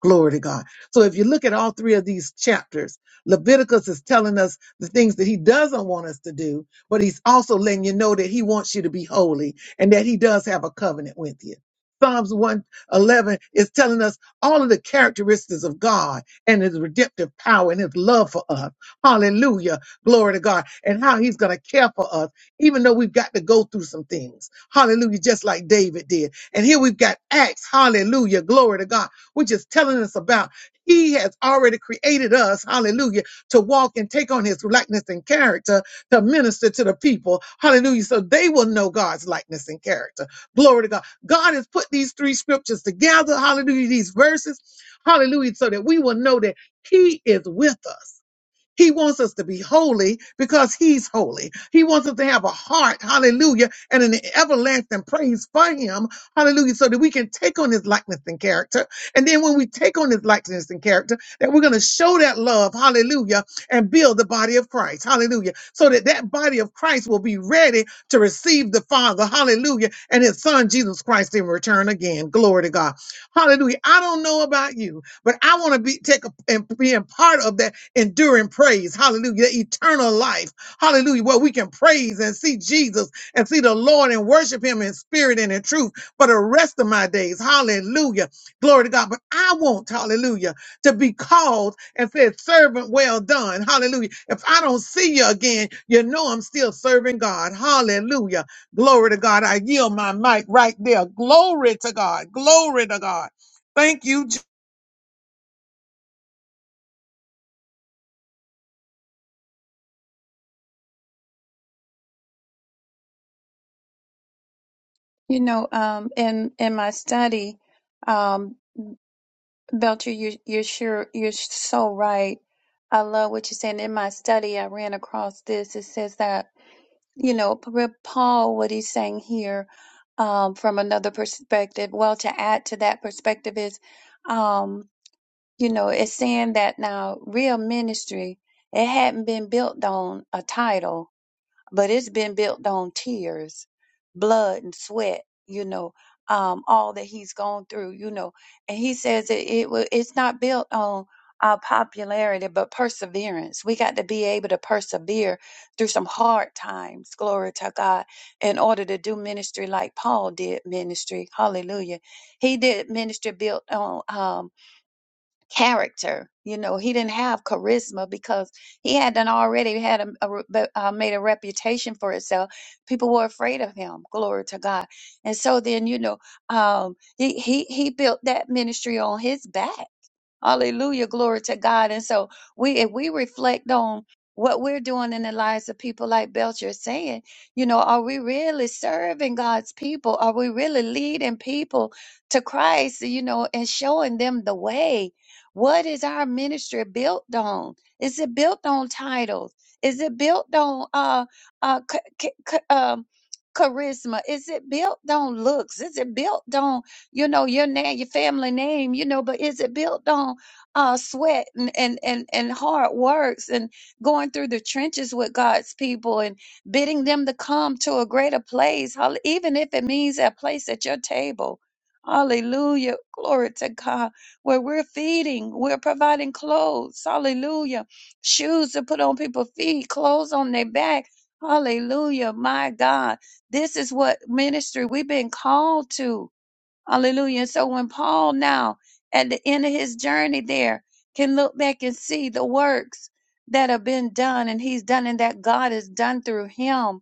Glory to God. So if you look at all three of these chapters, Leviticus is telling us the things that he doesn't want us to do, but he's also letting you know that he wants you to be holy and that he does have a covenant with you. Psalms 111 is telling us all of the characteristics of God and his redemptive power and his love for us. Hallelujah. Glory to God. And how he's going to care for us, even though we've got to go through some things. Hallelujah. Just like David did. And here we've got Acts. Hallelujah. Glory to God which is telling us about he has already created us, hallelujah, to walk and take on his likeness and character to minister to the people, hallelujah, so they will know God's likeness and character. Glory to God. God has put these three scriptures together, hallelujah, these verses, hallelujah, so that we will know that he is with us. He wants us to be holy because he's holy. He wants us to have a heart, hallelujah, and an everlasting praise for him, hallelujah, so that we can take on his likeness and character. And then when we take on his likeness and character, that we're going to show that love, hallelujah, and build the body of Christ, hallelujah, so that that body of Christ will be ready to receive the Father, hallelujah, and his son Jesus Christ in return again. Glory to God. Hallelujah. I don't know about you, but I want to be take a, and be a part of that enduring praise. Hallelujah. That eternal life. Hallelujah. Where we can praise and see Jesus and see the Lord and worship him in spirit and in truth for the rest of my days. Hallelujah. Glory to God. But I want, hallelujah, to be called and said, servant, well done. Hallelujah. If I don't see you again, you know I'm still serving God. Hallelujah. Glory to God. I yield my mic right there. Glory to God. Glory to God. Thank you,
You know, um, in in my study, Belcher, you, you're sure you're so right. I love what you're saying. In my study, I ran across this. It says that you know P- Paul, what he's saying here, um, from another perspective. Well, to add to that perspective is, um, you know, it's saying that now real ministry it hadn't been built on a title but it's been built on tears, blood, and sweat. You know, um, all that he's gone through. You know, and he says it, it wa- it's not built on our popularity, but perseverance. We got to be able to persevere through some hard times. Glory to God, in order to do ministry like Paul did ministry. Hallelujah. He did ministry built on um, character. You know, he didn't have charisma because he had done already had a, a re- be- uh, made a reputation for himself. People were afraid of him. Glory to God. And so then, you know, um, he he he built that ministry on his back. Hallelujah. Glory to God. And so we if we reflect on what we're doing in the lives of people like Belcher is saying, you know, are we really serving God's people? Are we really leading people to Christ, you know, and showing them the way? What is our ministry built on? Is it built on titles? Is it built on uh uh c- c- c- um charisma? Is it built on looks? Is it built on you know, your name, your family name, you know, but is it built on uh, sweat and, and, and, and hard works and going through the trenches with God's people and bidding them to come to a greater place, hall- even if it means a place at your table? Hallelujah. Glory to God. Where we're feeding, we're providing clothes. Hallelujah. Shoes to put on people's feet, clothes on their back. Hallelujah. My God. This is what ministry we've been called to. Hallelujah. And so when Paul now at the end of his journey there can look back and see the works that have been done and he's done and that God has done through him.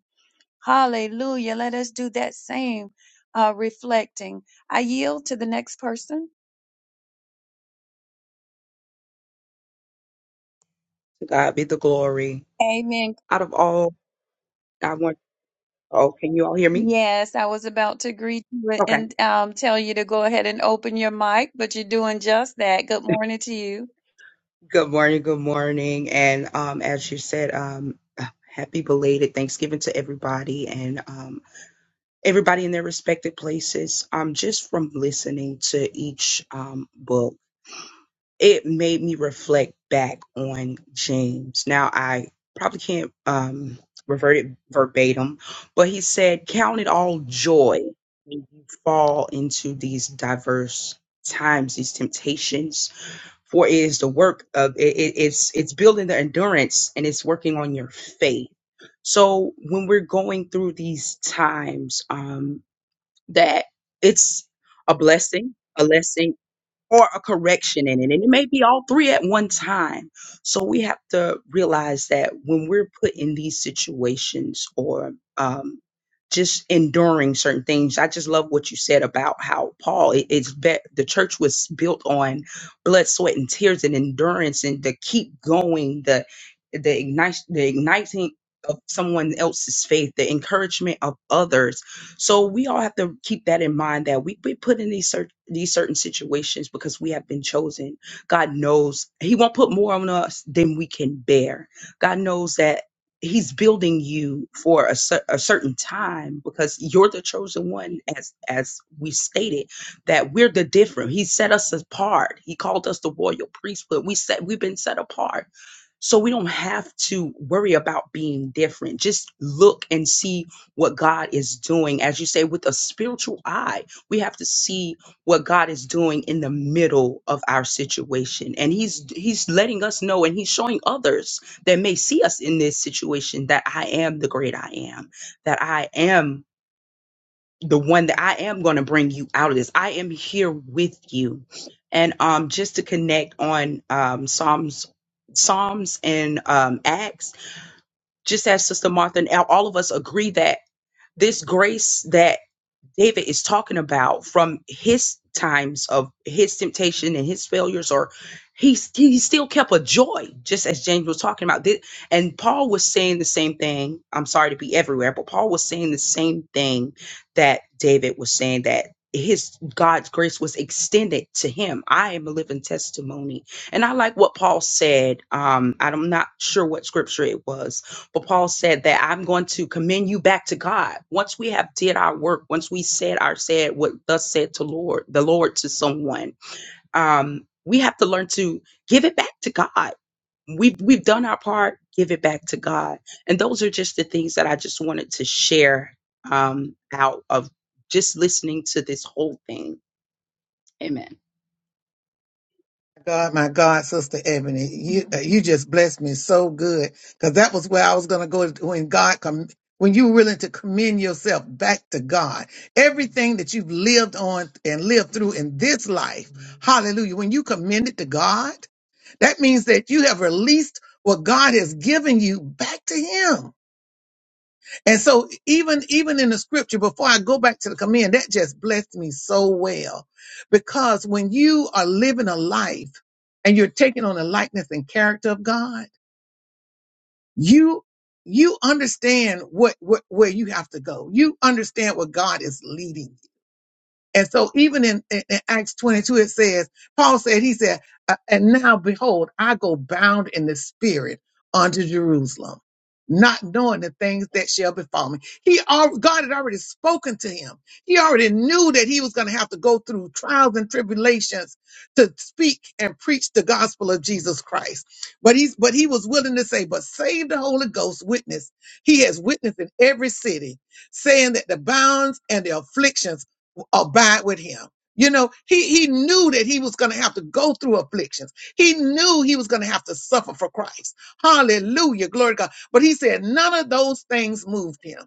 Hallelujah. Let us do that same uh, reflecting. I yield to the next person.
God be the glory.
Amen.
Out of all, I want, oh, can you all hear me?
Yes, I was about to greet you
Okay.
and um, tell you to go ahead and open your mic, but you're doing just that. Good morning to you.
Good morning. Good morning. And um, as you said, um, happy belated Thanksgiving to everybody and um, everybody in their respective places. Um, just from listening to each um, book. it made me reflect back on James. Now I probably can't um revert it verbatim, but he said, Count it all joy when you fall into these diverse times, these temptations, for it is the work of it, it- it's it's building the endurance and it's working on your faith. So when we're going through these times, um that it's a blessing, a lesson or a correction in it. And it may be all three at one time. So we have to realize that when we're put in these situations or um, just enduring certain things, I just love what you said about how Paul, it- it's be- the church was built on blood, sweat, and tears and endurance and to keep going, the, the, ignite, the igniting of someone else's faith, the encouragement of others so we all have to keep that in mind that we be put in these certain these certain situations because we have been chosen. God knows He won't put more on us than we can bear. God knows that He's building you for a, cer- a certain time because you're the chosen one, as as we stated that we're the different. He set us apart. He called us the royal priesthood. We set we've been set apart so we don't have to worry about being different. Just look and see what God is doing. As you say, with a spiritual eye, we have to see what God is doing in the middle of our situation. And He's He's letting us know and He's showing others that may see us in this situation that I am the great I am, that I am the one that I am going to bring you out of this. I am here with you. And um just to connect on um Psalms Psalms and um Acts, just as Sister Martha and all of us agree that this grace that David is talking about from his times of his temptation and his failures, or he he still kept a joy, just as James was talking about. Thi- And Paul was saying the same thing. I'm sorry to be everywhere, but Paul was saying the same thing that David was saying that his God's grace was extended to him. I am a living testimony. And I like what Paul said. Um, I'm not sure what scripture it was, but Paul said that I'm going to commend you back to God. Once we have did our work, once we said our said what thus said to Lord, the Lord to someone, um, we have to learn to give it back to God. We've we've done our part, give it back to God. And those are just the things that I just wanted to share um out of just listening to this whole thing. Amen.
God, my God, Sister Ebony, you uh, you just blessed me so good because that was where I was going to go when God com- when you are willing to commend yourself back to God. Everything that you've lived on and lived through in this life, Hallelujah! When you commend it to God, that means that you have released what God has given you back to Him. And so even even in the scripture, before I go back to the command, that just blessed me so well. Because when you are living a life and you're taking on the likeness and character of God, you you understand what, what where you have to go. You understand what God is leading and so even in, in, in Acts 22, it says, Paul said, he said, "Uh, and now behold, I go bound in the spirit unto Jerusalem, not knowing the things that shall befall me. He, al- God had already spoken to him. He already knew that he was going to have to go through trials and tribulations to speak and preach the gospel of Jesus Christ. But he's, but he was willing to say, but save the Holy Ghost witness. He has witnessed in every city saying that the bounds and the afflictions abide with him. You know, he, he knew that he was going to have to go through afflictions. He knew he was going to have to suffer for Christ. Hallelujah. Glory to God. But he said none of those things moved him.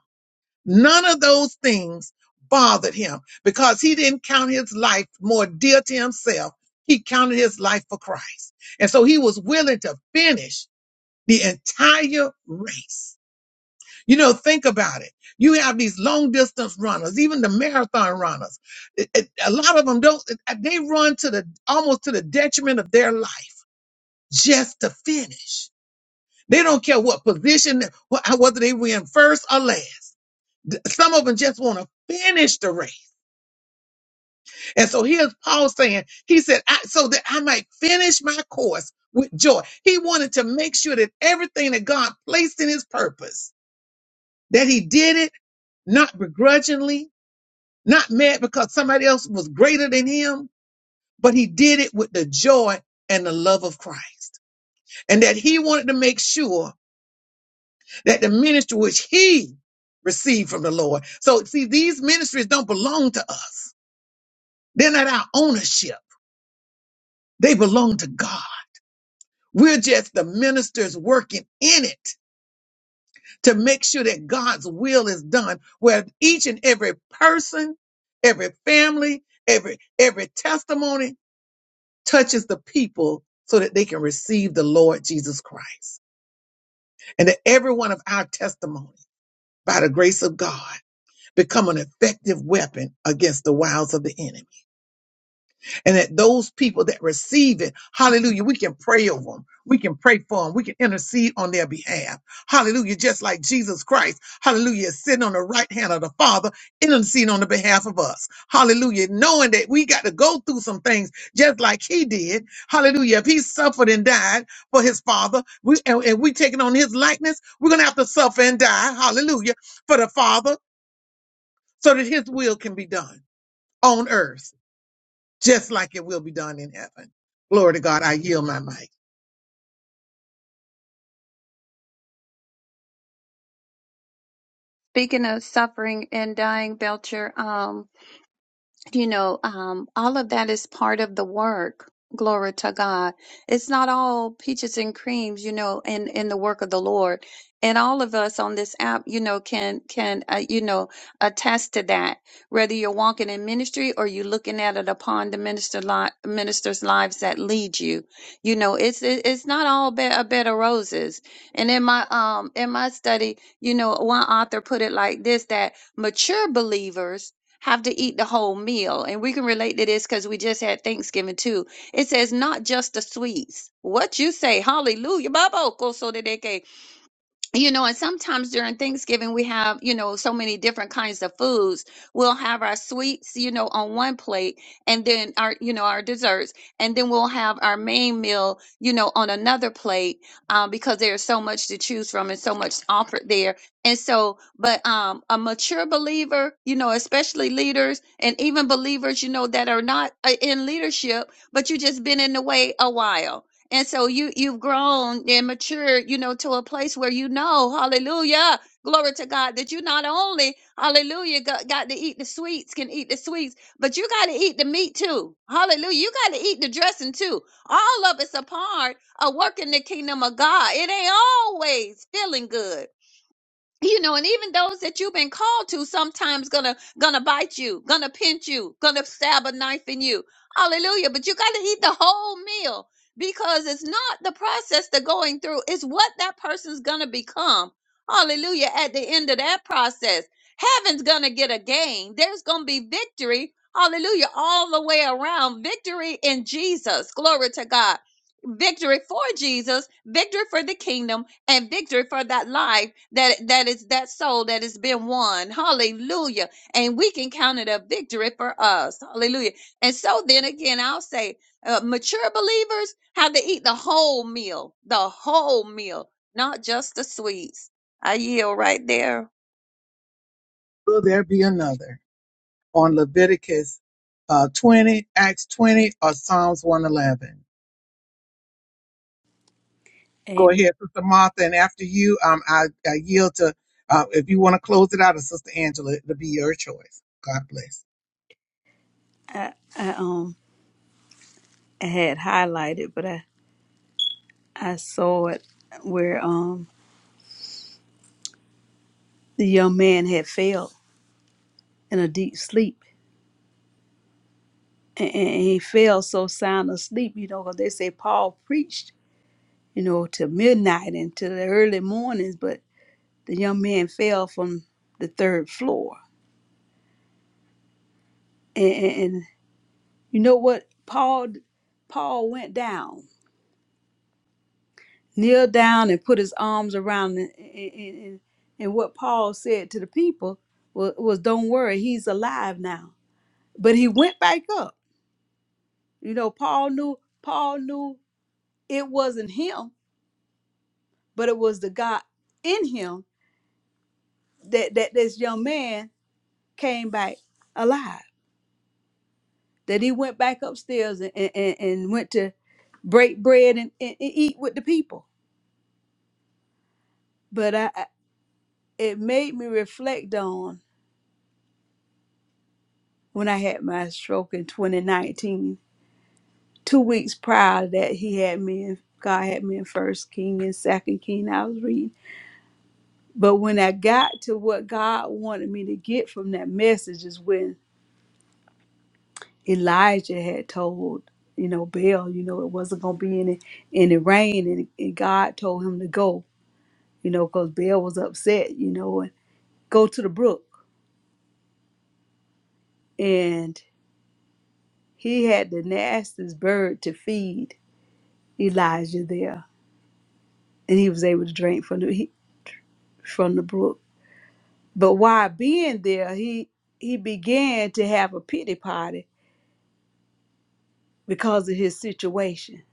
None of those things bothered him because he didn't count his life more dear to himself. He counted his life for Christ. And so he was willing to finish the entire race you know, think about it. You have these long distance runners, even the marathon runners. It- it- a lot of them don't, it- uh, they run to the almost to the detriment of their life just to finish. They don't care what position, wh- how- whether they win first or last. D- Some of them just want to finish the race. And so here's Paul saying, he said, I, so that I might finish my course with joy. He wanted to make sure that everything that God placed in his purpose, that he did it not begrudgingly, not mad because somebody else was greater than him, but he did it with the joy and the love of Christ. And that he wanted to make sure that the ministry which he received from the Lord. So see, these ministries don't belong to us. They're not our ownership. They belong to God. We're just the ministers working in it to make sure that God's will is done where each and every person, every family, every, every testimony touches the people so that they can receive the Lord Jesus Christ. And that every one of our testimony, by the grace of God, become an effective weapon against the wiles of the enemy and that those people that receive it, hallelujah, we can pray over them. We can pray for them. We can intercede on their behalf. Hallelujah. Just like Jesus Christ, hallelujah, is sitting on the right hand of the Father, interceding on the behalf of us. Hallelujah. Knowing that we got to go through some things just like he did. Hallelujah. If he suffered and died for his Father, we, and, and we taking on his likeness, we're going to have to suffer and die. Hallelujah. For the Father so that his will can be done on earth just like it will be done in heaven. Glory to God. I yield my mic.
Speaking of suffering and dying, Belcher, um, you know, um, all of that is part of the work. Glory to God. It's not all peaches and creams, you know, in, in the work of the Lord. And all of us on this app, you know, can, can, uh, you know, attest to that. Whether you're walking in ministry or you're looking at it upon the minister li- minister's lives that lead you, you know, it's, it, it's not all be- a bed of roses. And in my, um, in my study, you know, one author put it like this, that mature believers have to eat the whole meal. And we can relate to this because we just had Thanksgiving too. It says, not just the sweets. What you say, hallelujah, Baba you know and sometimes during thanksgiving we have you know so many different kinds of foods we'll have our sweets you know on one plate and then our you know our desserts and then we'll have our main meal you know on another plate um, because there's so much to choose from and so much offered there and so but um a mature believer you know especially leaders and even believers you know that are not uh, in leadership but you just been in the way a while and so you you've grown and matured, you know, to a place where you know, hallelujah, glory to God, that you not only, hallelujah, got, got to eat the sweets, can eat the sweets, but you got to eat the meat too. Hallelujah. You got to eat the dressing too. All of it's a part of working the kingdom of God. It ain't always feeling good you know and even those that you've been called to sometimes gonna gonna bite you gonna pinch you gonna stab a knife in you hallelujah but you gotta eat the whole meal because it's not the process they're going through it's what that person's gonna become hallelujah at the end of that process heaven's gonna get a gain there's gonna be victory hallelujah all the way around victory in jesus glory to god victory for jesus victory for the kingdom and victory for that life that that is that soul that has been won hallelujah and we can count it a victory for us hallelujah and so then again i'll say uh, mature believers have to eat the whole meal the whole meal not just the sweets i yield right there
Will there be another on Leviticus uh, 20, Acts 20, or Psalms 111? Go
Amen.
ahead, Sister Martha, and after you, um, I, I yield to, uh, if you want to close it out, or Sister Angela, it'll be your choice. God bless.
I, I um I had highlighted, but I I saw it where um the young man had fell in a deep sleep, and, and he fell so sound asleep. You know, 'cause they say Paul preached, you know, till midnight and till the early mornings, but the young man fell from the third floor, and, and, and you know what Paul Paul went down kneel down and put his arms around and, and, and, and what paul said to the people was, was don't worry he's alive now but he went back up you know paul knew paul knew it wasn't him but it was the god in him that, that this young man came back alive that he went back upstairs and, and, and and went to break bread and, and, and eat with the people but I, I- it made me reflect on. when I had my stroke in 2019. Two weeks prior to that, he had me in, God had me in First King and Second King. I was reading, but when I got to what God wanted me to get from that message is when Elijah had told you know Baal, you know it wasn't gonna be any any rain, and, and God told him to go, you know, because Baal was upset, you know, and go to the brook, and he had the nastiest bird to feed Elijah there and he was able to drink from the he, from the brook. But while being there, he he began to have a pity party because of his situation.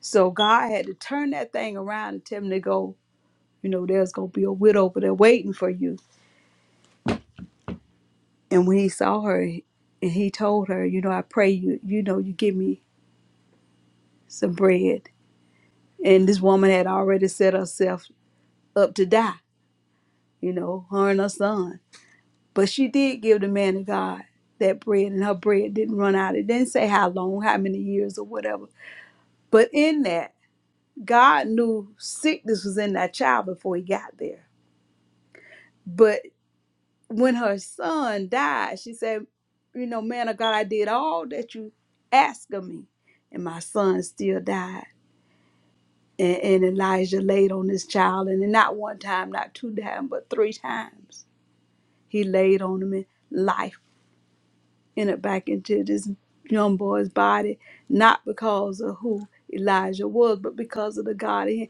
So God had to turn that thing around and tell him to go. You know, there's gonna be a widow over there waiting for you. And when he saw her, and he told her, you know, I pray you, you know, you give me some bread. And this woman had already set herself up to die. You know, her and her son. But she did give the man of God that bread, and her bread didn't run out. It didn't say how long, how many years, or whatever. But in that, God knew sickness was in that child before he got there. But when her son died, she said, You know, man of God, I did all that you asked of me, and my son still died. And, and Elijah laid on this child, and not one time, not two times, but three times. He laid on him, and life. entered back into this young boy's body, not because of who Elijah was, but because of the God in,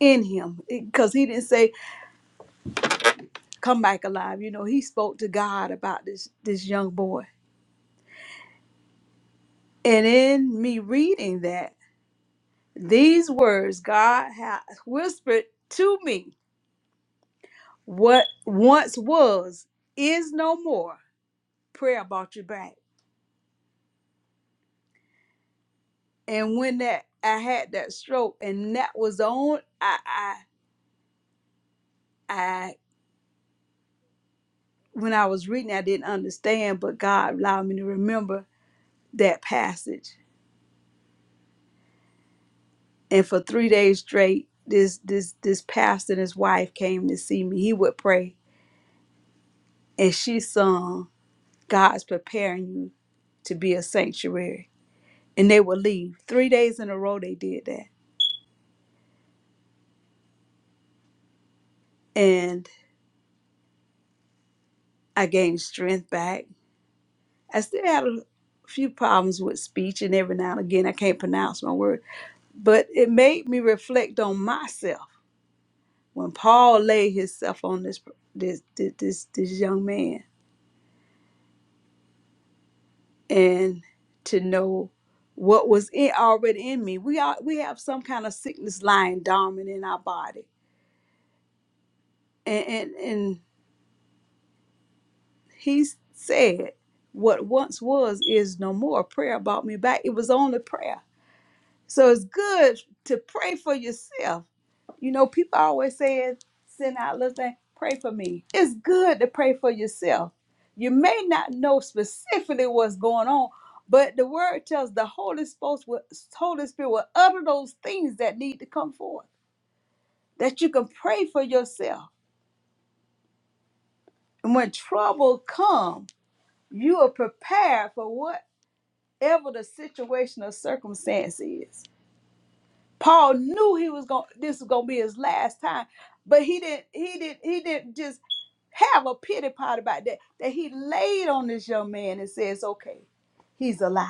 in him. Because he didn't say, "Come back alive." You know, he spoke to God about this this young boy. And in me reading that, these words God has whispered to me, "What once was is no more." Prayer brought you back. And when that I had that stroke, and that was on, I I. when I was reading, I didn't understand, but God allowed me to remember that passage. And for three days straight, this this this pastor and his wife came to see me. He would pray, and she sung, "God's preparing you to be a sanctuary," and they would leave three days in a row. They did that, and I gained strength back. I still had a few problems with speech, and every now and again, I can't pronounce my word, but it made me reflect on myself when Paul laid himself on this this this this, this young man and to know what was in, already in me. We are we have some kind of sickness lying dormant in our body. And and, and he said, What once was is no more. Prayer brought me back. It was only prayer. So it's good to pray for yourself You know, people always say, send out little thing, pray for me. It's good to pray for yourself. You may not know specifically what's going on, but the word tells the Holy Spirit will, Holy Spirit will utter those things that need to come forth, that you can pray for yourself. And when trouble comes, you are prepared for whatever the situation or circumstance is. Paul knew he was going this was gonna be his last time, but he didn't he didn't he didn't just have a pity part about that. That he laid on this young man and says, Okay, he's alive.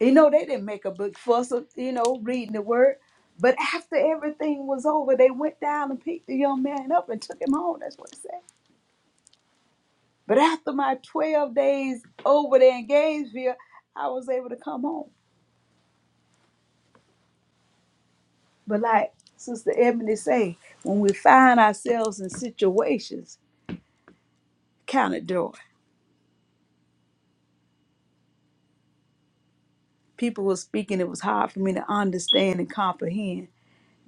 You know, they didn't make a big fuss of, you know, reading the word. But after everything was over, they went down and picked the young man up and took him home. That's what it said. But after my 12 days over there in Gainesville, I was able to come home. But like Sister Ebony say, when we find ourselves in situations, count it joy. People were speaking, it was hard for me to understand and comprehend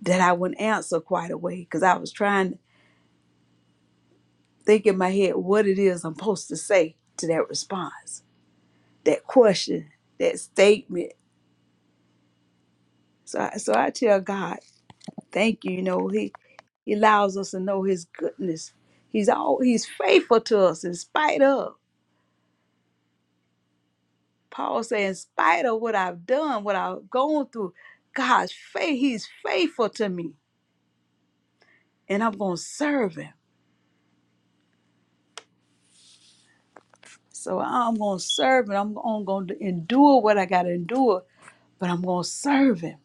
that I wouldn't answer quite away because I was trying to think in my head what it is I'm supposed to say to that response, that question, that statement. So I, so I tell God, thank you. You know, He He allows us to know His goodness. He's all He's faithful to us in spite of. Paul said, in spite of what I've done, what I've gone through, God's faith, He's faithful to me. And I'm going to serve Him. So I'm going to serve Him. I'm, I'm going to endure what I got to endure, but I'm going to serve Him.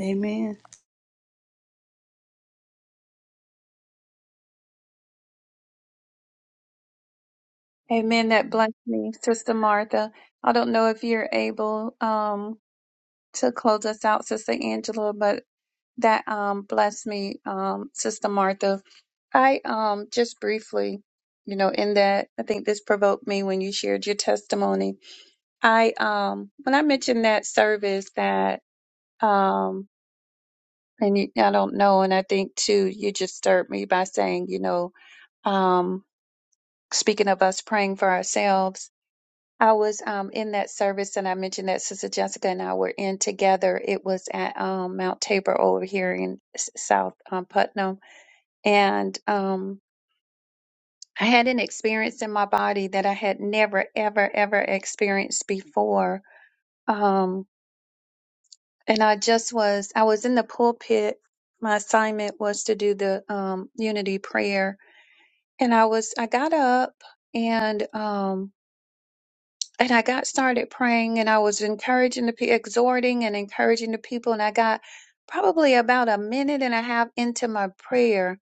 Amen.
amen that blessed me sister martha i don't know if you're able um to close us out sister angela but that um, blessed me, um, Sister Martha. I um, just briefly, you know, in that I think this provoked me when you shared your testimony. I um, when I mentioned that service that um, and you, I don't know, and I think too, you just stirred me by saying, you know, um, speaking of us praying for ourselves. I was um, in that service, and I mentioned that Sister Jessica and I were in together. It was at um, Mount Tabor over here in s- South um, Putnam, and um, I had an experience in my body that I had never, ever, ever experienced before. Um, and I just was, I was in the pulpit. My assignment was to do the um, unity prayer, and I was, I got up and um, and I got started praying, and I was encouraging the people, exhorting and encouraging the people, and I got probably about a minute and a half into my prayer,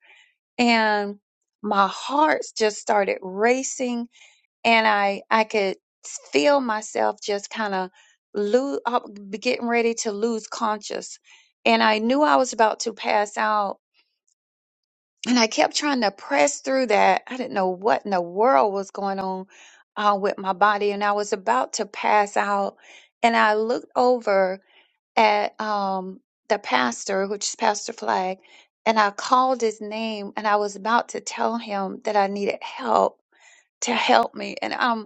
and my heart just started racing and I I could feel myself just kind of lose, getting ready to lose conscious, and I knew I was about to pass out, and I kept trying to press through that. I didn't know what in the world was going on uh, with my body, and I was about to pass out, and I looked over at um, the pastor, which is Pastor Flag. And I called his name and I was about to tell him that I needed help to help me. And I'm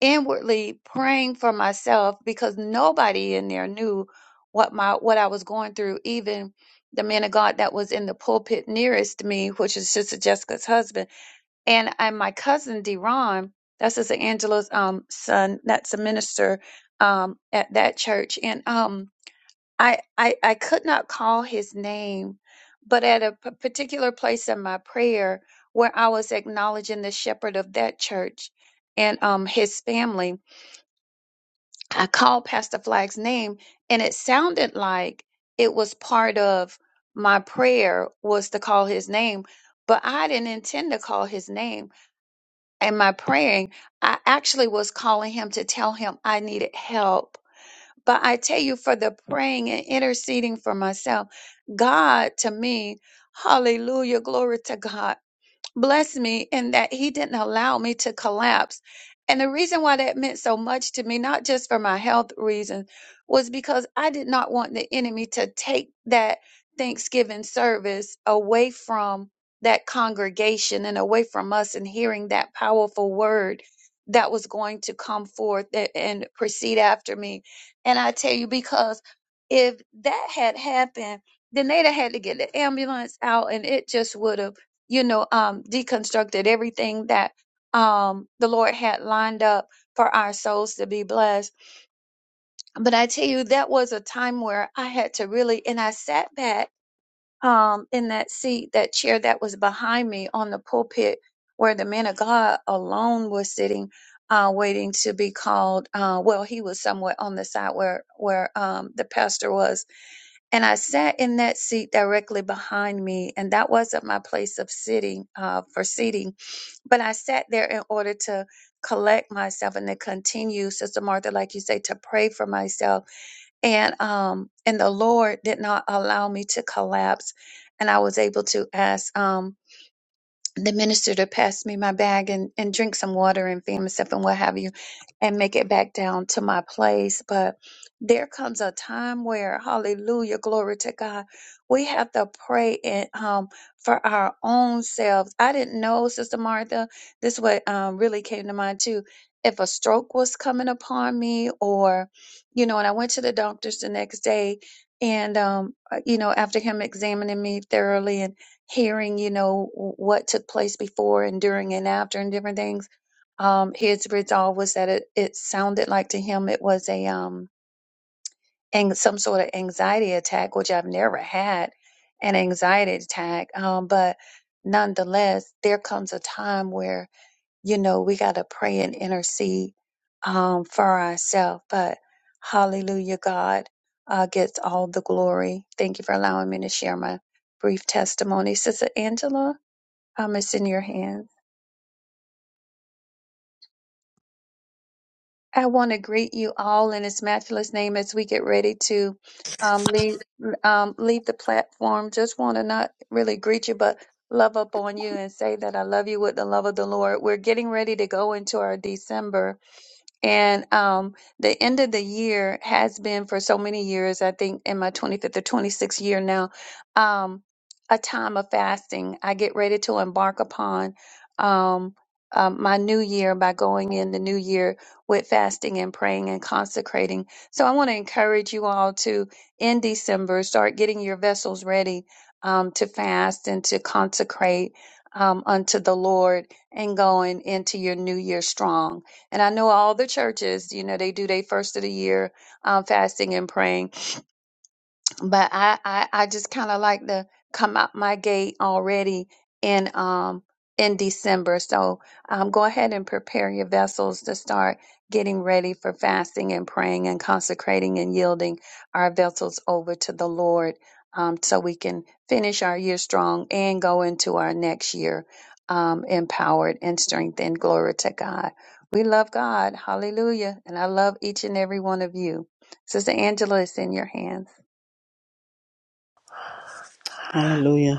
inwardly praying for myself because nobody in there knew what my what I was going through, even the man of God that was in the pulpit nearest to me, which is Sister Jessica's husband, and and my cousin Deron, that's Sister Angela's um son, that's a minister um at that church, and um I I, I could not call his name, but at a p- particular place in my prayer where I was acknowledging the shepherd of that church and um his family I called Pastor Flag's name, and it sounded like it was part of my prayer was to call his name, but I didn't intend to call his name. And my praying, I actually was calling him to tell him I needed help. But I tell you, for the praying and interceding for myself, God to me, hallelujah, glory to God blessed me in that he didn't allow me to collapse. And the reason why that meant so much to me, not just for my health reasons, was because I did not want the enemy to take that Thanksgiving service away from that congregation and away from us and hearing that powerful word that was going to come forth a- and proceed after me. And I tell you, because if that had happened, then they'd have had to get the ambulance out and it just would have you know, um, deconstructed everything that um, the Lord had lined up for our souls to be blessed. But I tell you, that was a time where I had to really, and I sat back um, in that seat, that chair that was behind me on the pulpit where the man of God alone was sitting. Uh, waiting to be called. Uh, well, he was somewhere on the side where where um, the pastor was, and I sat in that seat directly behind me, and that wasn't my place of sitting uh, for seating, but I sat there in order to collect myself and to continue, Sister Martha, like you say, to pray for myself. And um, and the Lord did not allow me to collapse, and I was able to ask. Um, the minister to pass me my bag and, and drink some water and feed myself and what have you and make it back down to my place. But there comes a time where, hallelujah, glory to God, we have to pray and um for our own selves. I didn't know, Sister Martha, this what um really came to mind too. If a stroke was coming upon me or, you know, and I went to the doctors the next day and um uh, you know, after him examining me thoroughly and hearing, you know, what took place before and during and after and different things. Um, his result was that it, it sounded like to him it was a um ang- some sort of anxiety attack, which I've never had an anxiety attack. Um, but nonetheless, there comes a time where you know we got to pray and intercede um, for ourselves. But Hallelujah, God uh, gets all the glory. Thank you for allowing me to share my brief testimony, Sister Angela. Um, it's in your hands. I want to greet you all in His matchless name as we get ready to um, leave um, leave the platform. Just want to not really greet you, but love up on you and say that I love you with the love of the Lord. We're getting ready to go into our December. And um, the end of the year has been for so many years, I think in my 25th or 26th year now, um, a time of fasting. I get ready to embark upon um, um, my new year by going in the new year with fasting and praying and consecrating. So I want to encourage you all to, in December, start getting your vessels ready um, to fast and to consecrate um, unto the Lord and going into your new year strong. And I know all the churches, you know, they do their first of the year um, fasting and praying but I I, I just kind of like to come out my gate already in um in December. So um, go ahead and prepare your vessels to start getting ready for fasting and praying and consecrating and yielding our vessels over to the Lord, um, so we can finish our year strong and go into our next year um, empowered and strengthened. Glory to God. We love God. Hallelujah. And I love each and every one of you. Sister Angela, it's in your hands.
Hallelujah.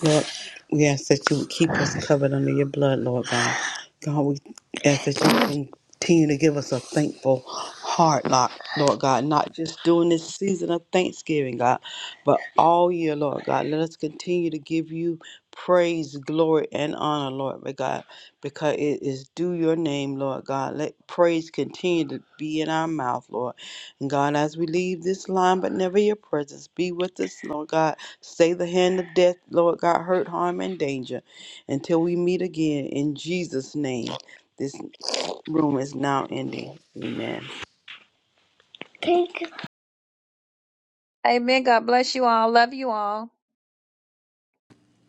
Lord, we ask that you would keep us covered under your blood, Lord God. God, we ask that you continue to give us a thankful heart, Lord Lord God, not just during this season of Thanksgiving, God, but all year, Lord God. Let us continue to give you praise, glory, and honor, Lord but God, because it is due your name, Lord God. Let praise continue to be in our mouth, Lord. And God, as we leave this line, but never your presence, be with us, Lord God Stay the hand of death, Lord God, hurt, harm, and danger until we meet again in Jesus' name. This room is now ending. Amen.
Amen. God bless you all. Love you all.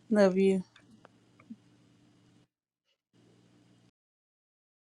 Love you.